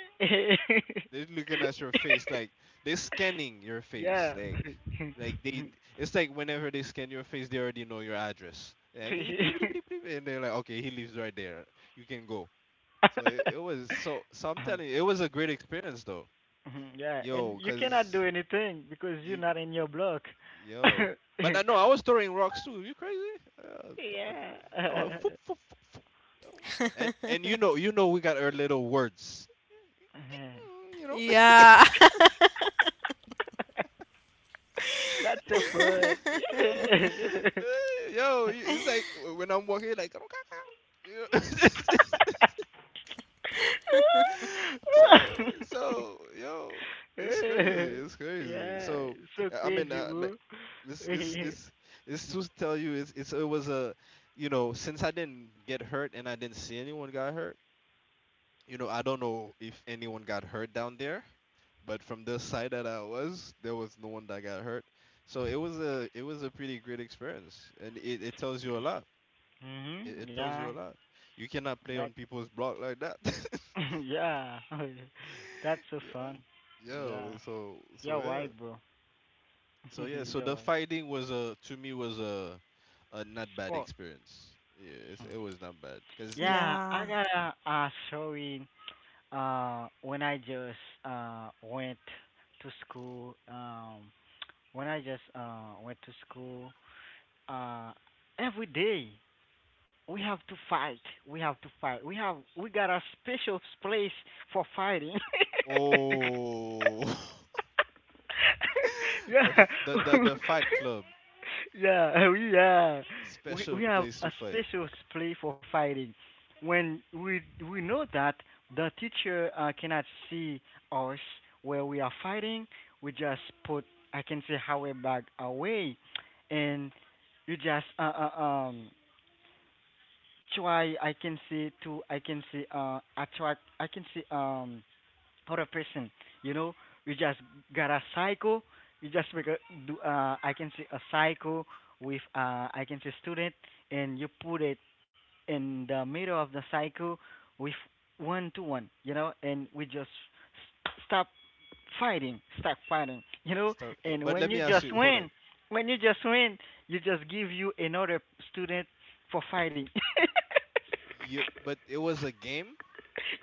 S1: They're looking at your face like they're scanning your
S2: (laughs)
S1: face.
S2: yeah.
S1: Like like
S2: (laughs)
S1: they It's like whenever they scan your face, they already know your address. Like, "Eep, eep, eep, eep, eep," and they're like, okay, he lives right there. You can go. So it, it was so so I'm telling you, it was a great experience though.
S2: (laughs) yeah, and
S1: Yo,
S2: you cannot do
S1: cause
S2: anything because you're
S1: you
S2: not in your block.
S1: yo, but I know
S2: (laughs)
S1: I was throwing rocks too. You crazy? Uh, come on. Oh,
S2: Yeah.
S1: foop,
S2: (laughs)
S1: foop, foop, foop. Yo. And and you know
S4: (laughs)
S1: you know we got our little words. Mm. You know.
S4: Yeah. (laughs)
S2: That's so fun. Yeah,
S1: (laughs) Yo, you- it's like w- when I'm walking, like "Karo kaka," you know? (laughs) so so yo, it's crazy.
S2: (laughs)
S1: It's crazy.
S2: yeah,
S1: So
S2: so
S1: I I mean,
S2: crazy,
S1: uh, like,
S2: bro.
S1: it's
S2: (laughs)
S1: it's
S2: hmm
S1: it's it's to tell you, it's, it's it was a you know since I didn't get hurt and I didn't see anyone got hurt you know, I don't know if anyone got hurt down there, but from the side that I was, there was no one that got hurt. So it was a it was a pretty great experience, and it, it tells you a lot. It, it tells
S2: Yeah,
S1: you a lot. You cannot play
S2: that.
S1: on people's block like that.
S2: (laughs) yeah, (laughs) that's
S1: (laughs)
S2: so
S1: Yeah,
S2: fun. Yeah,
S1: yeah. So so
S2: you're right,
S1: yeah.
S2: bro.
S1: So
S2: (laughs)
S1: yeah. So
S2: you're
S1: the
S2: right.
S1: fighting was, a to me, was a a not bad
S2: Sport.
S1: experience. Yeah, it's,
S2: Hmm.
S1: it was not bad because it.
S2: Yeah, I
S4: Yeah.
S2: got a, a story uh when I just uh went to school um when I just uh went to school uh every day we have to fight. We have to fight. We have we got a special place for fighting.
S1: Oh,
S2: (laughs)
S1: (laughs)
S2: yeah.
S1: the
S2: (laughs)
S1: the the the fight club,
S2: Yeah, (laughs) we are. We,
S1: special
S2: we have
S1: place to
S2: a
S1: fight.
S2: special play for fighting. When we we know that the teacher uh, cannot see us where we are fighting, we just put I can say our bag away, and you just uh, uh um try I can say to I can say uh attract I can say um or a person. You know, we just got a psycho. We just make a do. Uh, I can say a psycho with uh, I can say student, and you put it in the middle of the psycho with one to one. You know, and we just s- stop fighting, stop fighting. You know,
S1: Star.
S2: and
S1: But
S2: when
S1: let me
S2: you
S1: ask
S2: just
S1: you. Hold
S2: win,
S1: on.
S2: when you just win, you just give you another student for fighting. (laughs)
S1: You. But it was a game.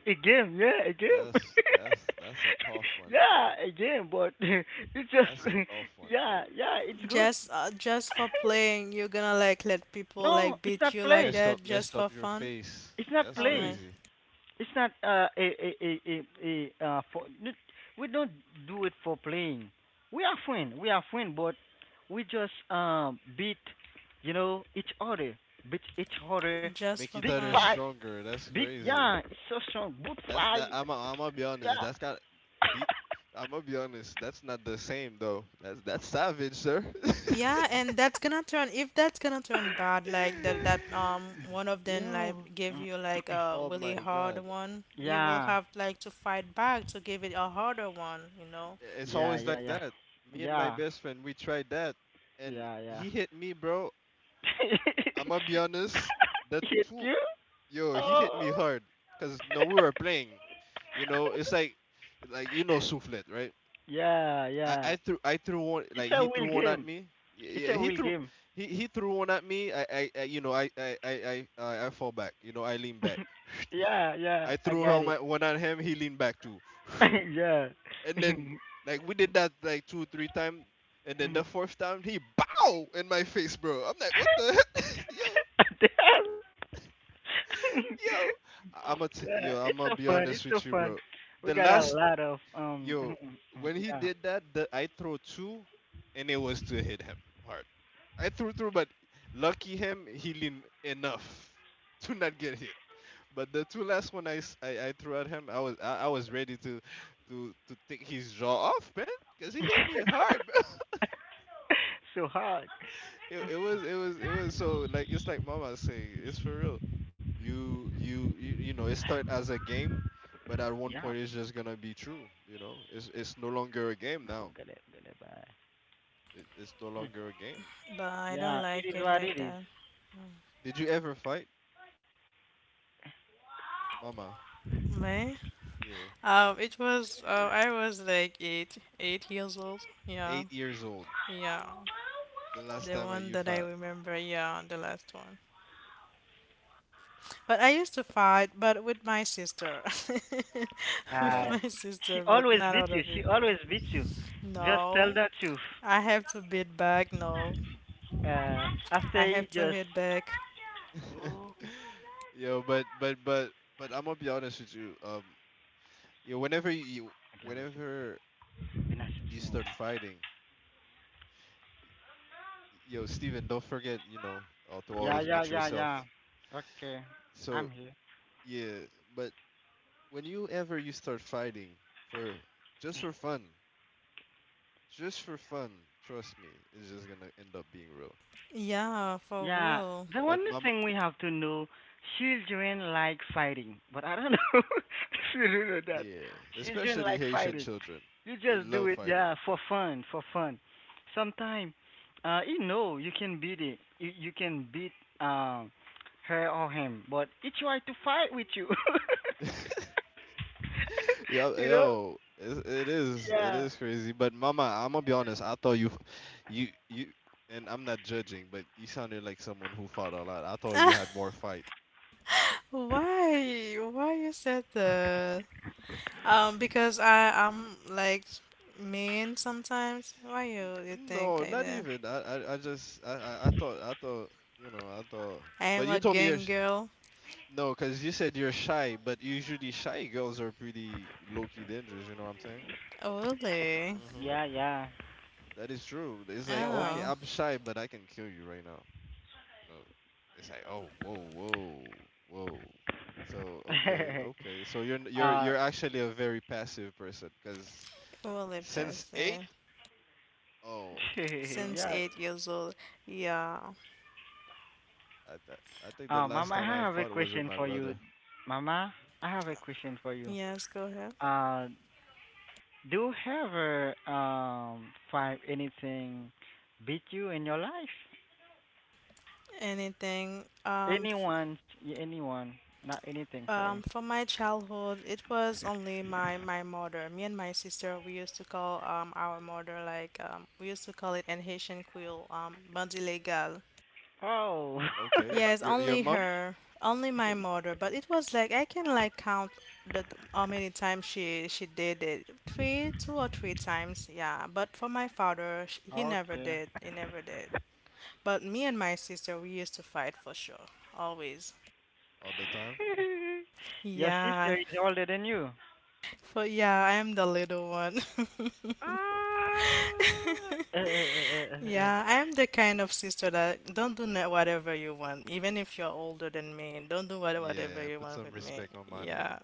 S2: Again, yeah, again.
S1: That's that's that's a tough
S2: (laughs)
S1: one.
S2: yeah, again, but (laughs) it's just
S1: That's a tough
S2: (laughs)
S1: one.
S2: yeah, yeah, it's good.
S4: Just uh, just for playing, you're gonna like let people
S2: No,
S4: like
S2: it's
S4: beat
S2: not
S4: you like
S2: play.
S1: Messed
S4: that
S1: up.
S4: just
S1: Messed
S4: for
S1: up your
S4: fun?
S1: face.
S2: It's not
S1: That's
S4: Oh
S2: play.
S4: my,
S1: crazy.
S2: It's not uh a a a a, a uh for n- we don't do it for playing. We are friend. We are friend, but we just um beat you know each other, beat each other.
S4: just
S1: Make
S4: for
S1: each
S2: Big
S1: other
S4: fun.
S2: fight,
S1: stronger. That's
S2: big
S1: crazy.
S2: yeah, it's so strong. Good
S1: That's that.
S2: fight,
S1: I'm. I am I gonna be honest.
S2: yeah.
S1: That's got. The, I'm gonna be honest. That's not the same though. That's that's savage, sir. (laughs)
S4: Yeah, and that's gonna turn if that's gonna turn bad, like that that um one of them
S1: Yo.
S4: like give
S2: Mm,
S4: you like a
S1: Oh
S4: really
S1: my
S4: hard
S1: God.
S4: one, you will
S2: yeah.
S4: have like to fight back to give it a harder one, you know?
S1: It's
S2: Yeah,
S1: always
S2: yeah,
S1: like
S2: yeah.
S1: that. Me and my
S2: Yeah,
S1: best friend, we tried that, and
S2: yeah, yeah.
S1: he hit me, bro. I'ma
S2: (laughs)
S1: be honest. The
S2: Hit
S1: two,
S2: you?
S1: yo, he hit
S2: Oh,
S1: me hard. Cause no, we were playing. You know, it's like, like you know, soufflet, right?
S2: yeah,
S1: I,
S2: yeah.
S1: I threw, I threw one,
S2: It's
S1: like
S2: a
S1: he
S2: will
S1: threw one at
S2: game.
S1: me. Yeah,
S2: It's
S1: yeah,
S2: a
S1: he
S2: will
S1: threw,
S2: game.
S1: he, he threw one at me. I, I, I you know, I, I, I, I, I I fall back. You know, I lean back.
S2: (laughs)
S1: (sniffs)
S2: yeah, yeah,
S1: I
S2: I
S1: threw
S2: got
S1: him
S2: it.
S1: at, one at him. He leaned back too. (sniffs)
S2: (laughs) yeah.
S1: And
S2: (laughs)
S1: then, like, we did that like two three times, and then
S2: Mhm.
S1: the fourth time he bow in my face, bro. I'm like, what the heck, (laughs) yo,
S2: (laughs) Damn. (laughs)
S1: yo. I'm a t-
S2: yeah,
S1: yo.
S2: it's
S1: I'm
S2: so
S1: gonna be
S2: fun. It's
S1: honest
S2: so
S1: with you,
S2: fun.
S1: bro.
S2: We
S1: The
S2: got a
S1: last
S2: lot of um.
S1: yo When
S2: (laughs)
S1: he
S2: yeah.
S1: did that, the, I throw two, and it was to hit him hard. I threw through, but lucky him, he leaned enough (laughs) to not get hit. But the two last one, I, s- I- I threw at him. I was I, I was ready to to to take his jaw off, man, because he hit me hard.
S2: (laughs) so hard.
S1: It, it was it was it was so, like it's like Mama saying, it's for real. You you you, you know it start as a game, but at one
S2: Yeah.
S1: point it's just gonna be true. You know it's it's no longer a game
S2: Oh,
S1: now.
S2: get it, get it, bye.
S1: It, it's no
S2: Mm,
S1: longer a game.
S4: But I don't
S2: yeah,
S4: like
S2: it is
S4: it
S2: what
S4: like
S2: it is.
S4: that.
S1: Did you ever fight, Mama?
S4: Me?
S1: Yeah.
S4: Um, it was uh, I was like eight, eight years old. Yeah,
S1: Eight years old.
S4: yeah.
S1: The last
S4: The
S1: time I
S4: one
S1: you
S4: that I
S1: fought.
S4: remember. Yeah, the last one. But I used to fight, but with my sister, (laughs) with
S2: Uh,
S4: my
S1: Oh.
S2: she
S4: sister, but
S2: always
S4: not
S2: beats you.
S4: other
S2: She always
S4: people.
S2: beats you. Just tell
S4: No,
S2: the truth.
S4: I have to beat back. No,
S2: Uh,
S4: I
S2: after you
S4: have to
S2: just.
S4: hit back.
S1: (laughs) Yo, but but but but I'm gonna be honest with you. Um, yo, whenever you whenever you start fighting. Yo, Steven, don't forget, you know, uh, to
S2: Yeah,
S1: always
S2: yeah,
S1: meet
S2: yeah, yeah.
S1: yourself.
S2: Okay, I'm
S1: So,
S2: here.
S1: yeah, but when you ever you start fighting, for just for fun, just for fun, trust me, it's just gonna end up being real.
S4: Yeah, for
S2: Yeah,
S4: real.
S2: the
S1: But
S2: one
S1: mama,
S2: thing we have to know, children like fighting, but I don't know (laughs) if you do know that.
S1: yeah,
S2: Children
S1: especially
S2: like
S1: Haitian
S2: fighting.
S1: children,
S2: You
S1: they
S2: just do
S1: love
S2: it,
S1: fighting.
S2: yeah, for fun, for fun. Sometimes, uh, you know, you can beat it, you, you can beat um her or him, but he try to fight with you.
S1: (laughs)
S2: (laughs)
S1: Yo,
S2: you know?
S1: yo, it, it is, it
S2: Yeah.
S1: is crazy. But mama, I'm gonna be honest. I thought you, f- you, you, and I'm not judging, but you sounded like someone who fought a lot. I thought you had
S4: (laughs)
S1: more fight.
S4: Why? Why you said that? Um, because I I'm like mean sometimes. Why
S1: N-
S4: you you think
S1: No,
S4: like
S1: not
S4: that?
S1: even. I, I, I just, I, I, I thought, I thought, you know, I thought.
S4: I am
S1: But you
S4: a
S1: told me you're,
S4: gang
S1: sh-
S4: girl.
S1: no, because you said you're shy, but usually shy girls are pretty low-key dangerous, you know what I'm saying?
S4: Oh, really?
S1: Mm-hmm.
S2: Yeah, yeah.
S1: That is true. It's like,
S2: You're
S1: okay,
S2: right.
S4: Oh,
S1: I'm shy, but I can kill you right now. You know, it's like, oh, whoa, whoa, whoa. So, okay,
S2: (laughs)
S1: okay. So you're, n- you're,
S2: uh,
S1: you're actually a very passive person, because
S4: really,
S1: since eight,
S4: Bessie.
S1: oh,
S2: (laughs)
S1: yeah.
S4: Since
S2: yeah.
S4: eight years old. Yeah.
S1: I th- I think the
S2: Uh,
S1: last
S2: Mama, I
S1: time I
S2: have a
S1: fought was with
S2: question
S1: my
S2: for you.
S1: brother.
S2: Mama,
S1: Hmm.
S2: I have a question for you.
S4: Yes. Go ahead.
S2: Uh, do you ever um find anything beat you in your life?
S4: Anything. Um. F-
S2: Anyone, anyone, not anything. Sorry.
S4: um. For my childhood, it was only my my mother. Me and my sister. We used to call um our mother like um we used to call it in Haitian Creole um bandit legal.
S2: Oh,
S1: Okay.
S4: Yes,
S1: Your your
S4: only
S1: mom?
S4: her, only my mother. But it was like I can like count the how many times she she did it. Three, two or three times. Yeah. But for my father, sh- he never
S2: (laughs) okay.
S4: did. He never did. But me and my sister, we used to fight for sure, always.
S1: All the time?
S2: Your sister
S4: Yeah.
S2: is older than you.
S4: For yeah, I am the little one.
S2: Ah.
S4: (laughs)
S2: Eh, eh, eh, eh, eh,
S4: Yeah, I am the kind of sister that don't do na- whatever you want, even if you're older than me. Don't do what- whatever
S1: Yeah,
S4: you
S1: put
S4: want
S1: some
S4: with me.
S1: respect on my name.
S4: Yeah.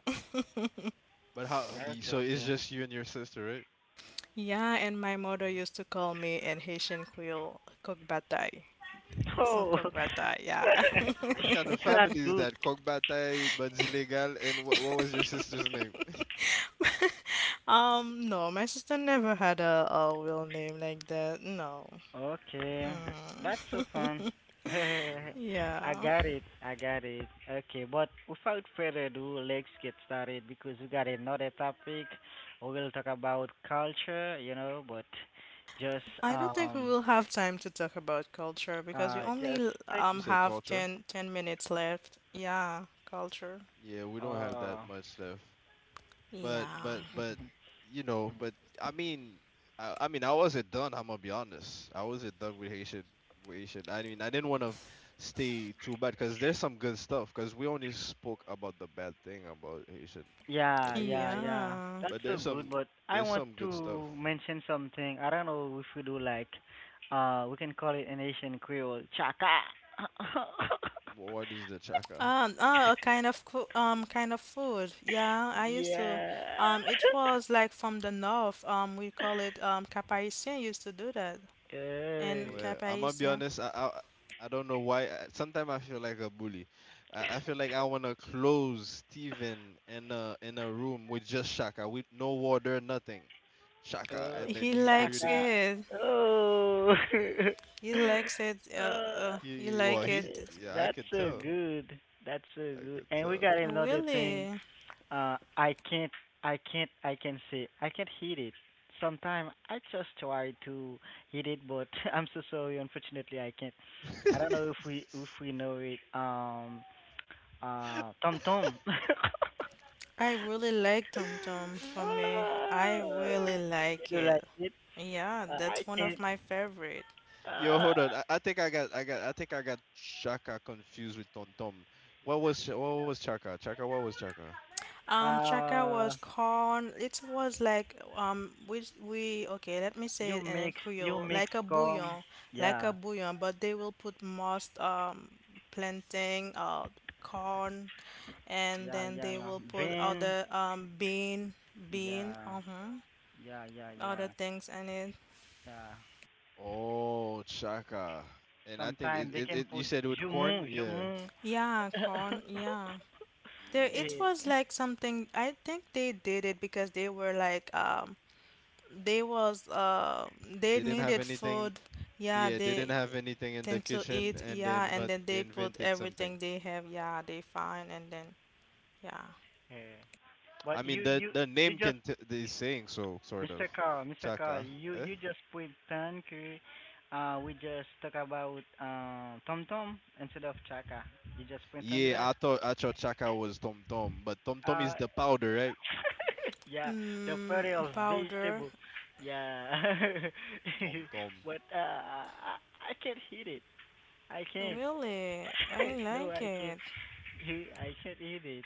S1: But how
S2: eh.
S1: do
S4: (laughs)
S1: you,
S2: Okay,
S1: so it's
S2: okay.
S1: just you and your sister, right?
S4: Yeah, and my mother
S1: Hmm.
S4: used to call me in Haitian Creole coq bataille. Ou son
S2: Oh,
S4: coq bataille, yeah.
S1: What kind
S2: (laughs)
S1: of
S2: it's not
S4: (laughs)
S1: family is
S2: good.
S1: that? Coq Bataille, Buds Illegal, and what, what was your sister's name?
S4: Um, no, my sister never had a, a real name like that. No.
S2: Okay, that's so fun.
S4: Mm. (laughs)
S2: (laughs)
S1: (laughs) Hmm.
S2: I
S4: Yeah.
S2: got it, I got it. Okay, but without further ado, let's get started because we got another topic. We will talk about culture, you know, but just
S4: I don't think we
S2: um
S4: will have time to talk about culture because we
S2: uh just
S4: only
S2: take
S1: You
S4: um
S1: said
S4: have
S1: culture?
S4: ten ten minutes left. Yeah, culture.
S1: Yeah, we don't have that
S2: uh
S1: much left. But
S4: Yeah.
S1: but but you know, but I mean, I, I mean, I wasn't done. I'm gonna be honest. I wasn't done with Haitian. With Haitian. I mean, I didn't want to stay too bad because there's some good stuff. Because we only spoke about the bad thing about Haitian
S2: yeah, yeah,
S1: education,
S2: yeah.
S4: Yeah.
S2: That's
S1: but
S2: so
S1: there's
S2: good,
S1: some
S2: but I
S1: there's
S2: want
S1: some good stuff.
S2: to mention something. I don't know if we do like uh we can call it an Asian Creole. Chaka. (laughs)
S1: Wh- What is the chaka?
S4: Uh, no, a kind of coo- um kind of food. Yeah, I used to.
S2: Yeah.
S4: Um, it was like from the north. Um, we call it um caparisien used to do that. And
S2: Hey,
S1: Well, I'm gonna be
S4: caparisien,
S1: honest. I I, I don't know why. Sometimes I feel like a bully. I, I feel like I wanna close Steven in a in a room with just Shaka, with no water, nothing, Shaka,
S2: oh,
S1: and then
S4: he
S1: you for you
S4: likes
S1: to
S2: Chaka.
S1: eat.
S4: it.
S2: Oh. (laughs)
S4: He likes it. Uh, uh
S2: Uh,
S4: he
S1: He, well,
S4: like it.
S1: he, yeah, I
S2: that's
S1: could
S2: so
S1: tell.
S2: good. That's so
S1: I
S2: good.
S1: could
S2: And we
S1: tell.
S2: got another thing.
S4: Really,
S2: Uh, I can't. I can't. I can say. I can't hit it. Sometimes I just try to hit it, but (laughs) I'm so sorry. Unfortunately, I can't. I don't know if we
S1: (laughs)
S2: if we know it. Um. Uh. Tom Tom. (laughs)
S4: I really like Tom Tom.
S1: Yeah.
S4: For me, I
S2: Uh,
S4: really
S2: You
S4: like
S2: do like
S4: it.
S2: it?
S4: Yeah,
S2: Uh, I
S4: that's one of
S2: can't.
S4: my favorite.
S1: Yo, hold on. I, I think I got I got I think I got Shaka confused with Tom Tom. What was Sh- what was Chaka? Chaka, what was Chaka?
S2: Uh,
S4: Um, Chaka
S2: uh,
S4: was corn. It was like um, we we okay. Let me say
S2: you
S4: it in a
S2: mix, you
S4: Creole, like
S2: mix
S4: a
S2: com.
S4: bouillon, like a
S2: Yeah,
S4: bouillon. But they will put most um plantain, uh, corn, and
S2: yeah,
S4: then
S2: yeah.
S4: they will put
S2: Ben.
S4: other um bean, bean,
S2: Yeah,
S4: uh-huh,
S2: yeah, yeah,
S4: other
S2: yeah,
S4: things in it.
S2: yeah.
S1: Oh, Chaka. And I think it,
S2: Sometimes they
S1: it,
S2: can
S1: it you
S2: put
S1: said with corn,
S2: jumu,
S1: yeah.
S2: jumu.
S4: Yeah, corn. Yeah. There,
S2: (laughs)
S4: it
S2: eh,
S1: Mm.
S4: was like something. I think they did it because they were like um they was uh they
S1: They didn't have
S4: needed
S1: anything.
S4: food, yeah,
S1: Yeah, they didn't have
S4: they
S1: anything in the
S4: tend to
S1: kitchen,
S4: eat,
S1: and they
S4: yeah, and
S1: invent
S4: then
S1: they
S4: they put
S1: invented something.
S4: everything they have, yeah, they find, and then yeah.
S2: eh.
S1: I
S2: But
S1: mean,
S2: you,
S1: the
S2: you,
S1: the
S2: you
S1: name
S2: just
S1: can t is saying so, sort of.
S2: mister Carl, mister Carl,
S1: Chaka.
S2: you
S1: Eh?
S2: you just pretend que uh we just talk about uh Tom Tom instead of Chaka. You just pretend
S1: Yeah,
S2: that.
S1: I thought I thought Chaka was Tom Tom, but Tom Tom
S2: Uh
S1: is the powder, right?
S2: (laughs) yeah, the party
S4: mm,
S2: of
S4: Powder.
S2: vegetable. Yeah.
S1: Tom Tom.
S2: (laughs) but uh I, I can't eat it. I
S1: You
S2: can't.
S4: Really,
S2: (laughs)
S4: I
S2: No,
S4: like
S2: I can't.
S4: it.
S2: (laughs) I can't eat it.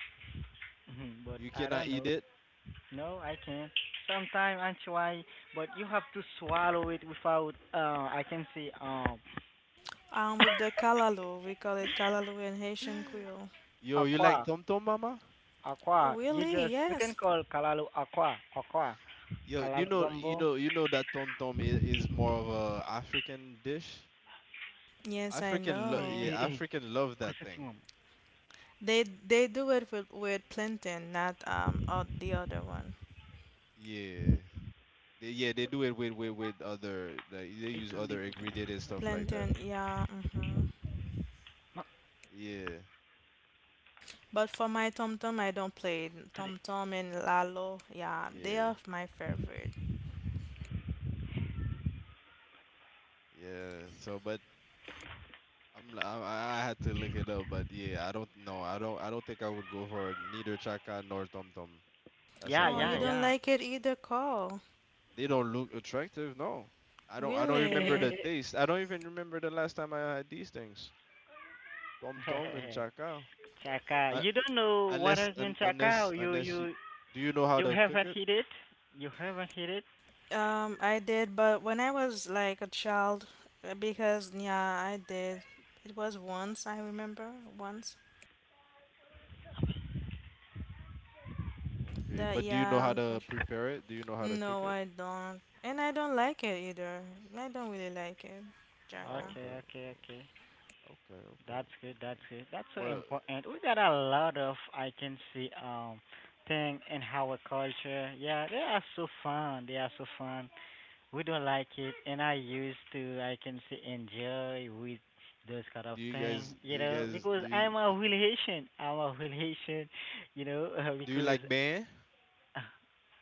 S2: (laughs) But
S1: you
S2: I
S1: cannot
S2: don't know.
S1: eat it. (laughs)
S2: No, I can't. Sometimes I try, but you have to swallow it without uh I can say um
S4: um With the callaloo, we call it callaloo in Haitian Creole.
S1: Yo, you like
S2: Aqua,
S1: Tom Tom, mama?
S2: Aqua. You
S4: Really,
S2: just you can
S4: yes.
S2: call Kalalu Aqua, Aqua.
S1: Yo, you
S2: Kalalu
S1: know, you
S2: Gumbo.
S1: know, you know that tom tom is, is more of a African dish.
S4: Yes, I
S1: African, lo-
S2: Hey,
S1: yeah,
S4: know.
S2: hey, hey.
S1: African love that
S2: Presta
S1: thing.
S2: atenção.
S4: They they do it with with plantain, not um or the other one.
S1: Yeah, they, yeah, they do it with with with other like, they use other
S2: Entende, puta.
S1: ingredient and stuff like that.
S4: Plantain, yeah. Mm-hmm.
S2: Não,
S1: Yeah,
S4: But for my Tom Tom, I don't play it.
S2: sorry.
S4: Tom Tom and Lalo, yeah, they
S1: yeah,
S4: are my favorite.
S1: yeah. So, but I'm li- I, I had to look it up, but yeah, I don't know. I don't I don't think I would go for neither chaka nor tom tom. That's a
S2: Yeah,
S4: Oh,
S1: no
S2: yeah,
S4: you
S1: no.
S4: don't
S2: yeah.
S4: like it either, Carl?
S1: They don't look attractive. No, I don't I don't remember
S4: Really?
S1: the taste.
S2: (laughs)
S1: I don't even remember the last time I had these things. Tom Tom and Chaka.
S2: Chaka,
S1: Uh,
S2: you don't know what
S1: unless
S2: has been
S1: un,
S2: Chaka.
S1: unless
S2: You
S1: unless you
S2: you
S1: do you know how
S2: you
S1: to cook
S2: haven't
S1: it?
S2: hit it. You haven't hit it.
S4: Um, I did, but when I was like a child, uh, because yeah, I did. It was once, I remember, once.
S1: Okay,
S4: That
S1: but do you know
S4: Yeah,
S1: how to
S4: unfortunately.
S1: prepare it? Do you know how to cook
S4: No,
S1: it?
S4: I don't. And I don't like it either. I don't really like it, Jacka.
S1: Oh, okay,
S2: Okay, okay,
S1: okay,
S2: okay.
S1: okay, okay,
S2: That's good. That's
S1: okay.
S2: good. That's so
S1: Well,
S2: important. We got a lot of I can see um thing in our culture. Yeah, they are so fun. They are so fun. We don't like it, and I used to, I can say, enjoy with those kind of
S1: do you
S2: thing,
S1: guys do
S2: you
S1: you
S2: know,
S1: guys
S2: because
S1: do you
S2: I'm a relation. I'm a relation, you know, (laughs) uh,
S1: do you
S2: because
S1: like beignet?
S2: uh,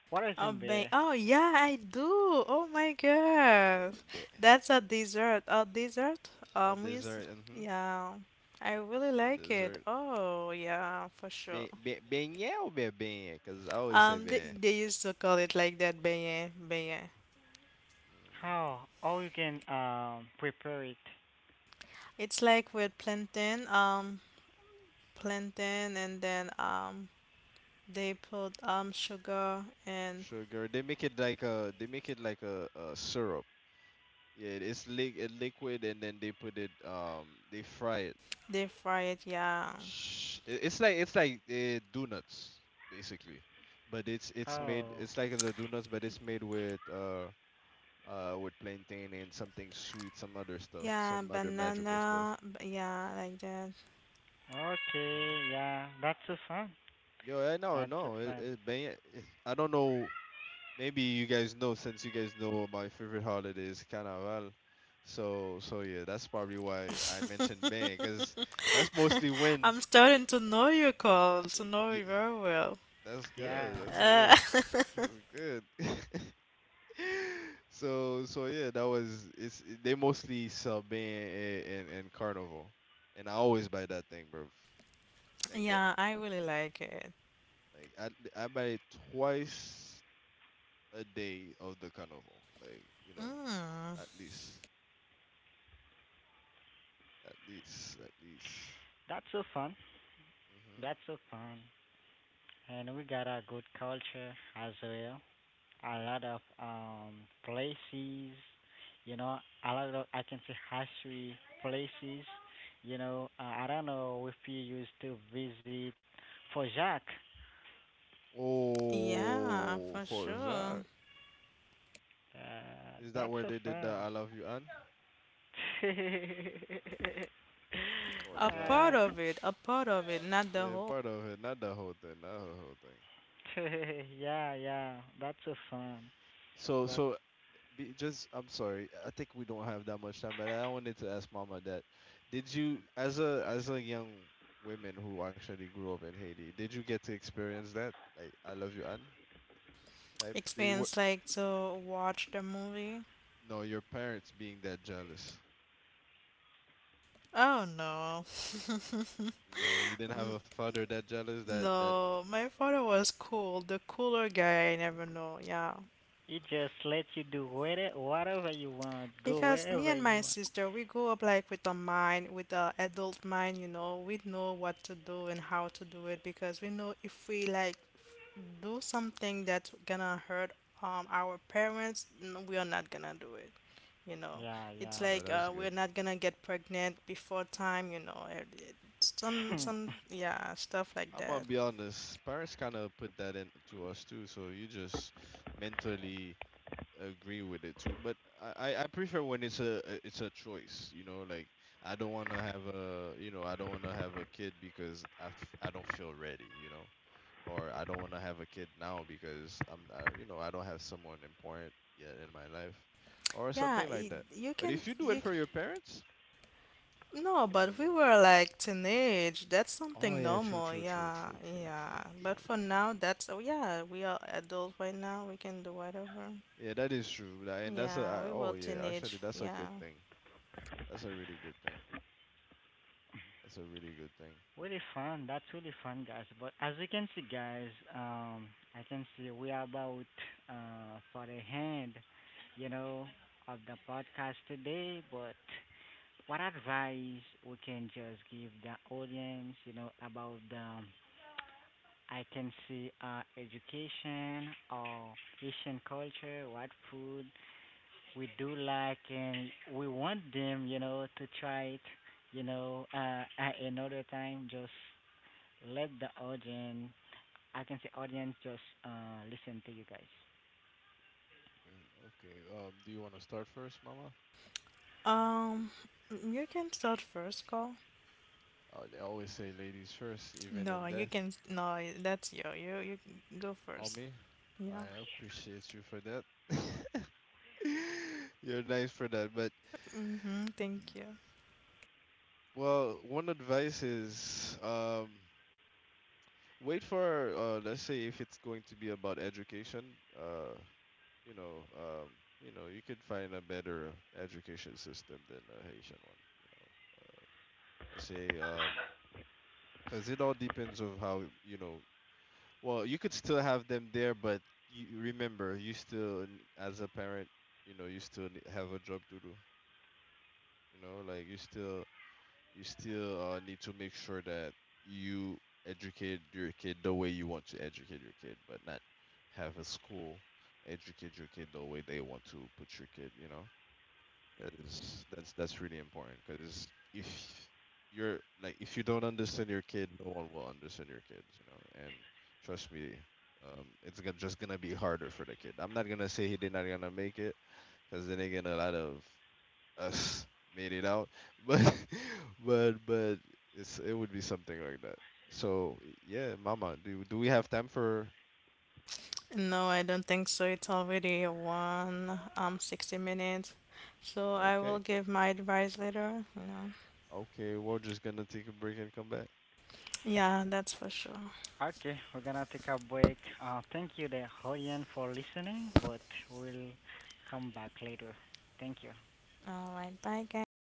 S2: what has
S4: Oh,
S2: been
S4: ba-
S2: there?
S4: oh yeah, I do. Oh my
S1: Yeah,
S4: God,
S1: be-
S4: that's a dessert. A dessert.
S1: a
S4: Um, we used
S1: dessert, mm-hmm.
S4: yeah, I really
S1: A
S4: like it.
S1: dessert.
S4: Oh yeah, for sure.
S1: Be, be, beignet or be beignet? Because I always say
S4: Um, they,
S1: beignet.
S4: they used to call it like that, beignet, beignet.
S1: Mhm.
S2: How? How you can um prepare it?
S4: It's like with plantain, um, plantain, and then um, they put um sugar and
S1: Sugar. They make it like a they make it like a, a syrup. Yeah, it's li- uh, liquid, and then they put it. Um, they fry it.
S4: they fry it. Yeah,
S1: Sh- i- It's like it's like uh, donuts basically, but it's it's made.
S2: Oh,
S1: it's like the donuts, but it's made with uh uh with plantain and something sweet, some other stuff,
S4: yeah,
S1: some other magical stuff.
S4: banana. b- Yeah, like that.
S1: Hmm.
S2: okay, yeah, that's so fun.
S1: Yo, I know,
S2: That's so
S1: no, it,
S2: fun.
S1: it, banya- it, I don't know. Maybe you guys know since you guys know my favorite holiday is Carnaval. So so yeah, that's probably
S4: (laughs)
S1: why I mentioned Bang, because that's mostly when
S4: I'm starting to know you, Carl,
S1: Uh,
S4: to know
S1: yeah,
S4: you very well.
S1: that's
S2: Yeah,
S1: good. That's
S4: Uh,
S1: good. That's good. (laughs) So, so yeah, that was it's they mostly sell band and, and, and carnival, and I always buy that thing, bro.
S4: (laughs)
S1: Like, eh,
S4: yeah, I really like it.
S1: like I I buy it twice a day of the carnival, like you know,
S4: Mm,
S1: at least, at least, at least.
S2: that's so fun.
S1: Hmm.
S2: That's so fun. And we got a good culture as well. A lot of um places, you know, a lot of I can say history places. You know, uh, I don't know if you used to visit Fojac.
S4: yeah,
S1: Oh,
S4: for
S1: Fort
S4: sure.
S1: Jacques.
S2: Uh,
S1: Is
S2: that's
S1: that
S2: so
S1: where they did the
S2: fun.
S1: I Love You Anne?
S2: (laughs)
S1: Fort
S4: A
S1: Jacques.
S2: uh,
S4: part of it, a part of it, not the
S1: Yeah,
S4: whole
S1: part of it, not the whole thing, not the whole thing.
S2: (laughs) yeah, yeah, that's so fun.
S1: So
S2: But
S1: so be, just I'm sorry. I think we don't have that much time, but I wanted to ask Mama that. Did you as a as a young women who actually grew up in Haiti, did you get to experience that? Like I love you Anne type? Did what
S4: experience, like to watch the movie.
S1: no, your parents being that jealous.
S4: Oh no,
S1: No, you didn't have a father that jealous that that
S4: no, my father was cool, the cooler guy I never know. Yeah,
S2: it just lets you do whatever, whatever you want, go
S4: because me
S2: wherever
S4: and
S2: you
S4: my
S2: want.
S4: sister, we grew up like with a mind, with the adult mind, you know, we know what to do and how to do it because we know if we like f- do something that's gonna hurt um our parents, n- we are not gonna do it. You know,
S2: Yeah,
S4: it's
S2: yeah.
S1: no,
S4: like
S1: that was
S4: uh,
S1: good.
S4: we're not gonna get pregnant before time, you know, and it- some
S2: (clears throat) (laughs)
S4: some yeah, stuff like
S1: I'm gonna
S4: that.
S1: be honest, parents kinda put that into us too, so you just mentally agree with it too, but I, I I prefer when it's a a- it's a choice. You know, like I don't want to have a you know I don't want to have a kid because I, f- I don't feel ready. You know, or I don't want to have a kid now because I'm uh, you know I don't have someone important yet in my life, or
S4: Yeah,
S1: something like
S4: it,
S1: that.
S4: you
S1: But
S4: can
S1: if you do it
S4: you.
S1: for your parents,
S4: No, but we
S1: mm,
S4: were like teenage. That's
S1: oh
S4: something
S1: yeah, true,
S4: normal.
S1: true, true,
S4: Yeah,
S1: true, true, true,
S4: yeah. But
S1: true,
S4: for
S1: true.
S4: now, that's oh yeah. We are adults right now. We can do whatever.
S1: Yeah, that is true, Tha- and that's a
S4: Yeah,
S1: I,
S4: we
S1: oh
S4: were
S1: yeah, actually
S4: teenage.
S1: that's a
S4: Yeah.
S1: good thing. That's a really good thing. That's a really good thing.
S2: Really fun. That's really fun, guys. But as you can see, guys, um, I can see we are about uh for the hand, you know, of the podcast today. But what advice we can just give the audience, you know, about the um, I can see uh education or Asian culture, what food we do like, and we want them, you know, to try it, you know, uh, (laughs) at another time, just let the audience, I can say audience, just uh, listen to you guys.
S1: Okay, okay. Um, do you want to start first, Mama?
S4: Um, you can start first, Call.
S1: Uh, they always say ladies first, even
S4: No,
S1: in
S4: you
S1: death.
S4: can. No, that's you. You you go first.
S1: Ami, I
S4: Yeah.
S1: appreciate you for that. (laughs) You're nice for that, but
S4: Mm-hmm, thank
S1: y-
S4: you.
S1: well, one advice is um, wait for uh, let's say if it's going to be about education, uh, you know, um, you know, you could find a better education system than a Haitian one. You know, Uh, let's say um, because it all depends on how you know. Well, you could still have them there, but you remember, you still, n- as a parent, you know, you still ne- have a job to do. You know, like you still, you still uh, need to make sure that you educate your kid the way you want to educate your kid, but not have a school educate your kid the way they want to put your kid. You know. Is that's that's really important because if you're like if you don't understand your kid, no one will understand your kids, you know. And trust me, um, it's gonna, just gonna be harder for the kid. I'm not gonna say he did not gonna make it, because then again, a lot of us (laughs) made it out, but (laughs) but but it's it would be something like that. So yeah, Mama, do do we have time for?
S4: No, I don't think so. It's already one um sixty minutes, so I will
S1: Okay,
S4: give my advice later. You know.
S1: okay, we're just gonna take a break and come back.
S4: Yeah, that's for sure.
S2: Okay, we're gonna take a break. Uh, thank you, the audience, for listening, but we'll come back later. Thank you.
S4: All right, bye, guys.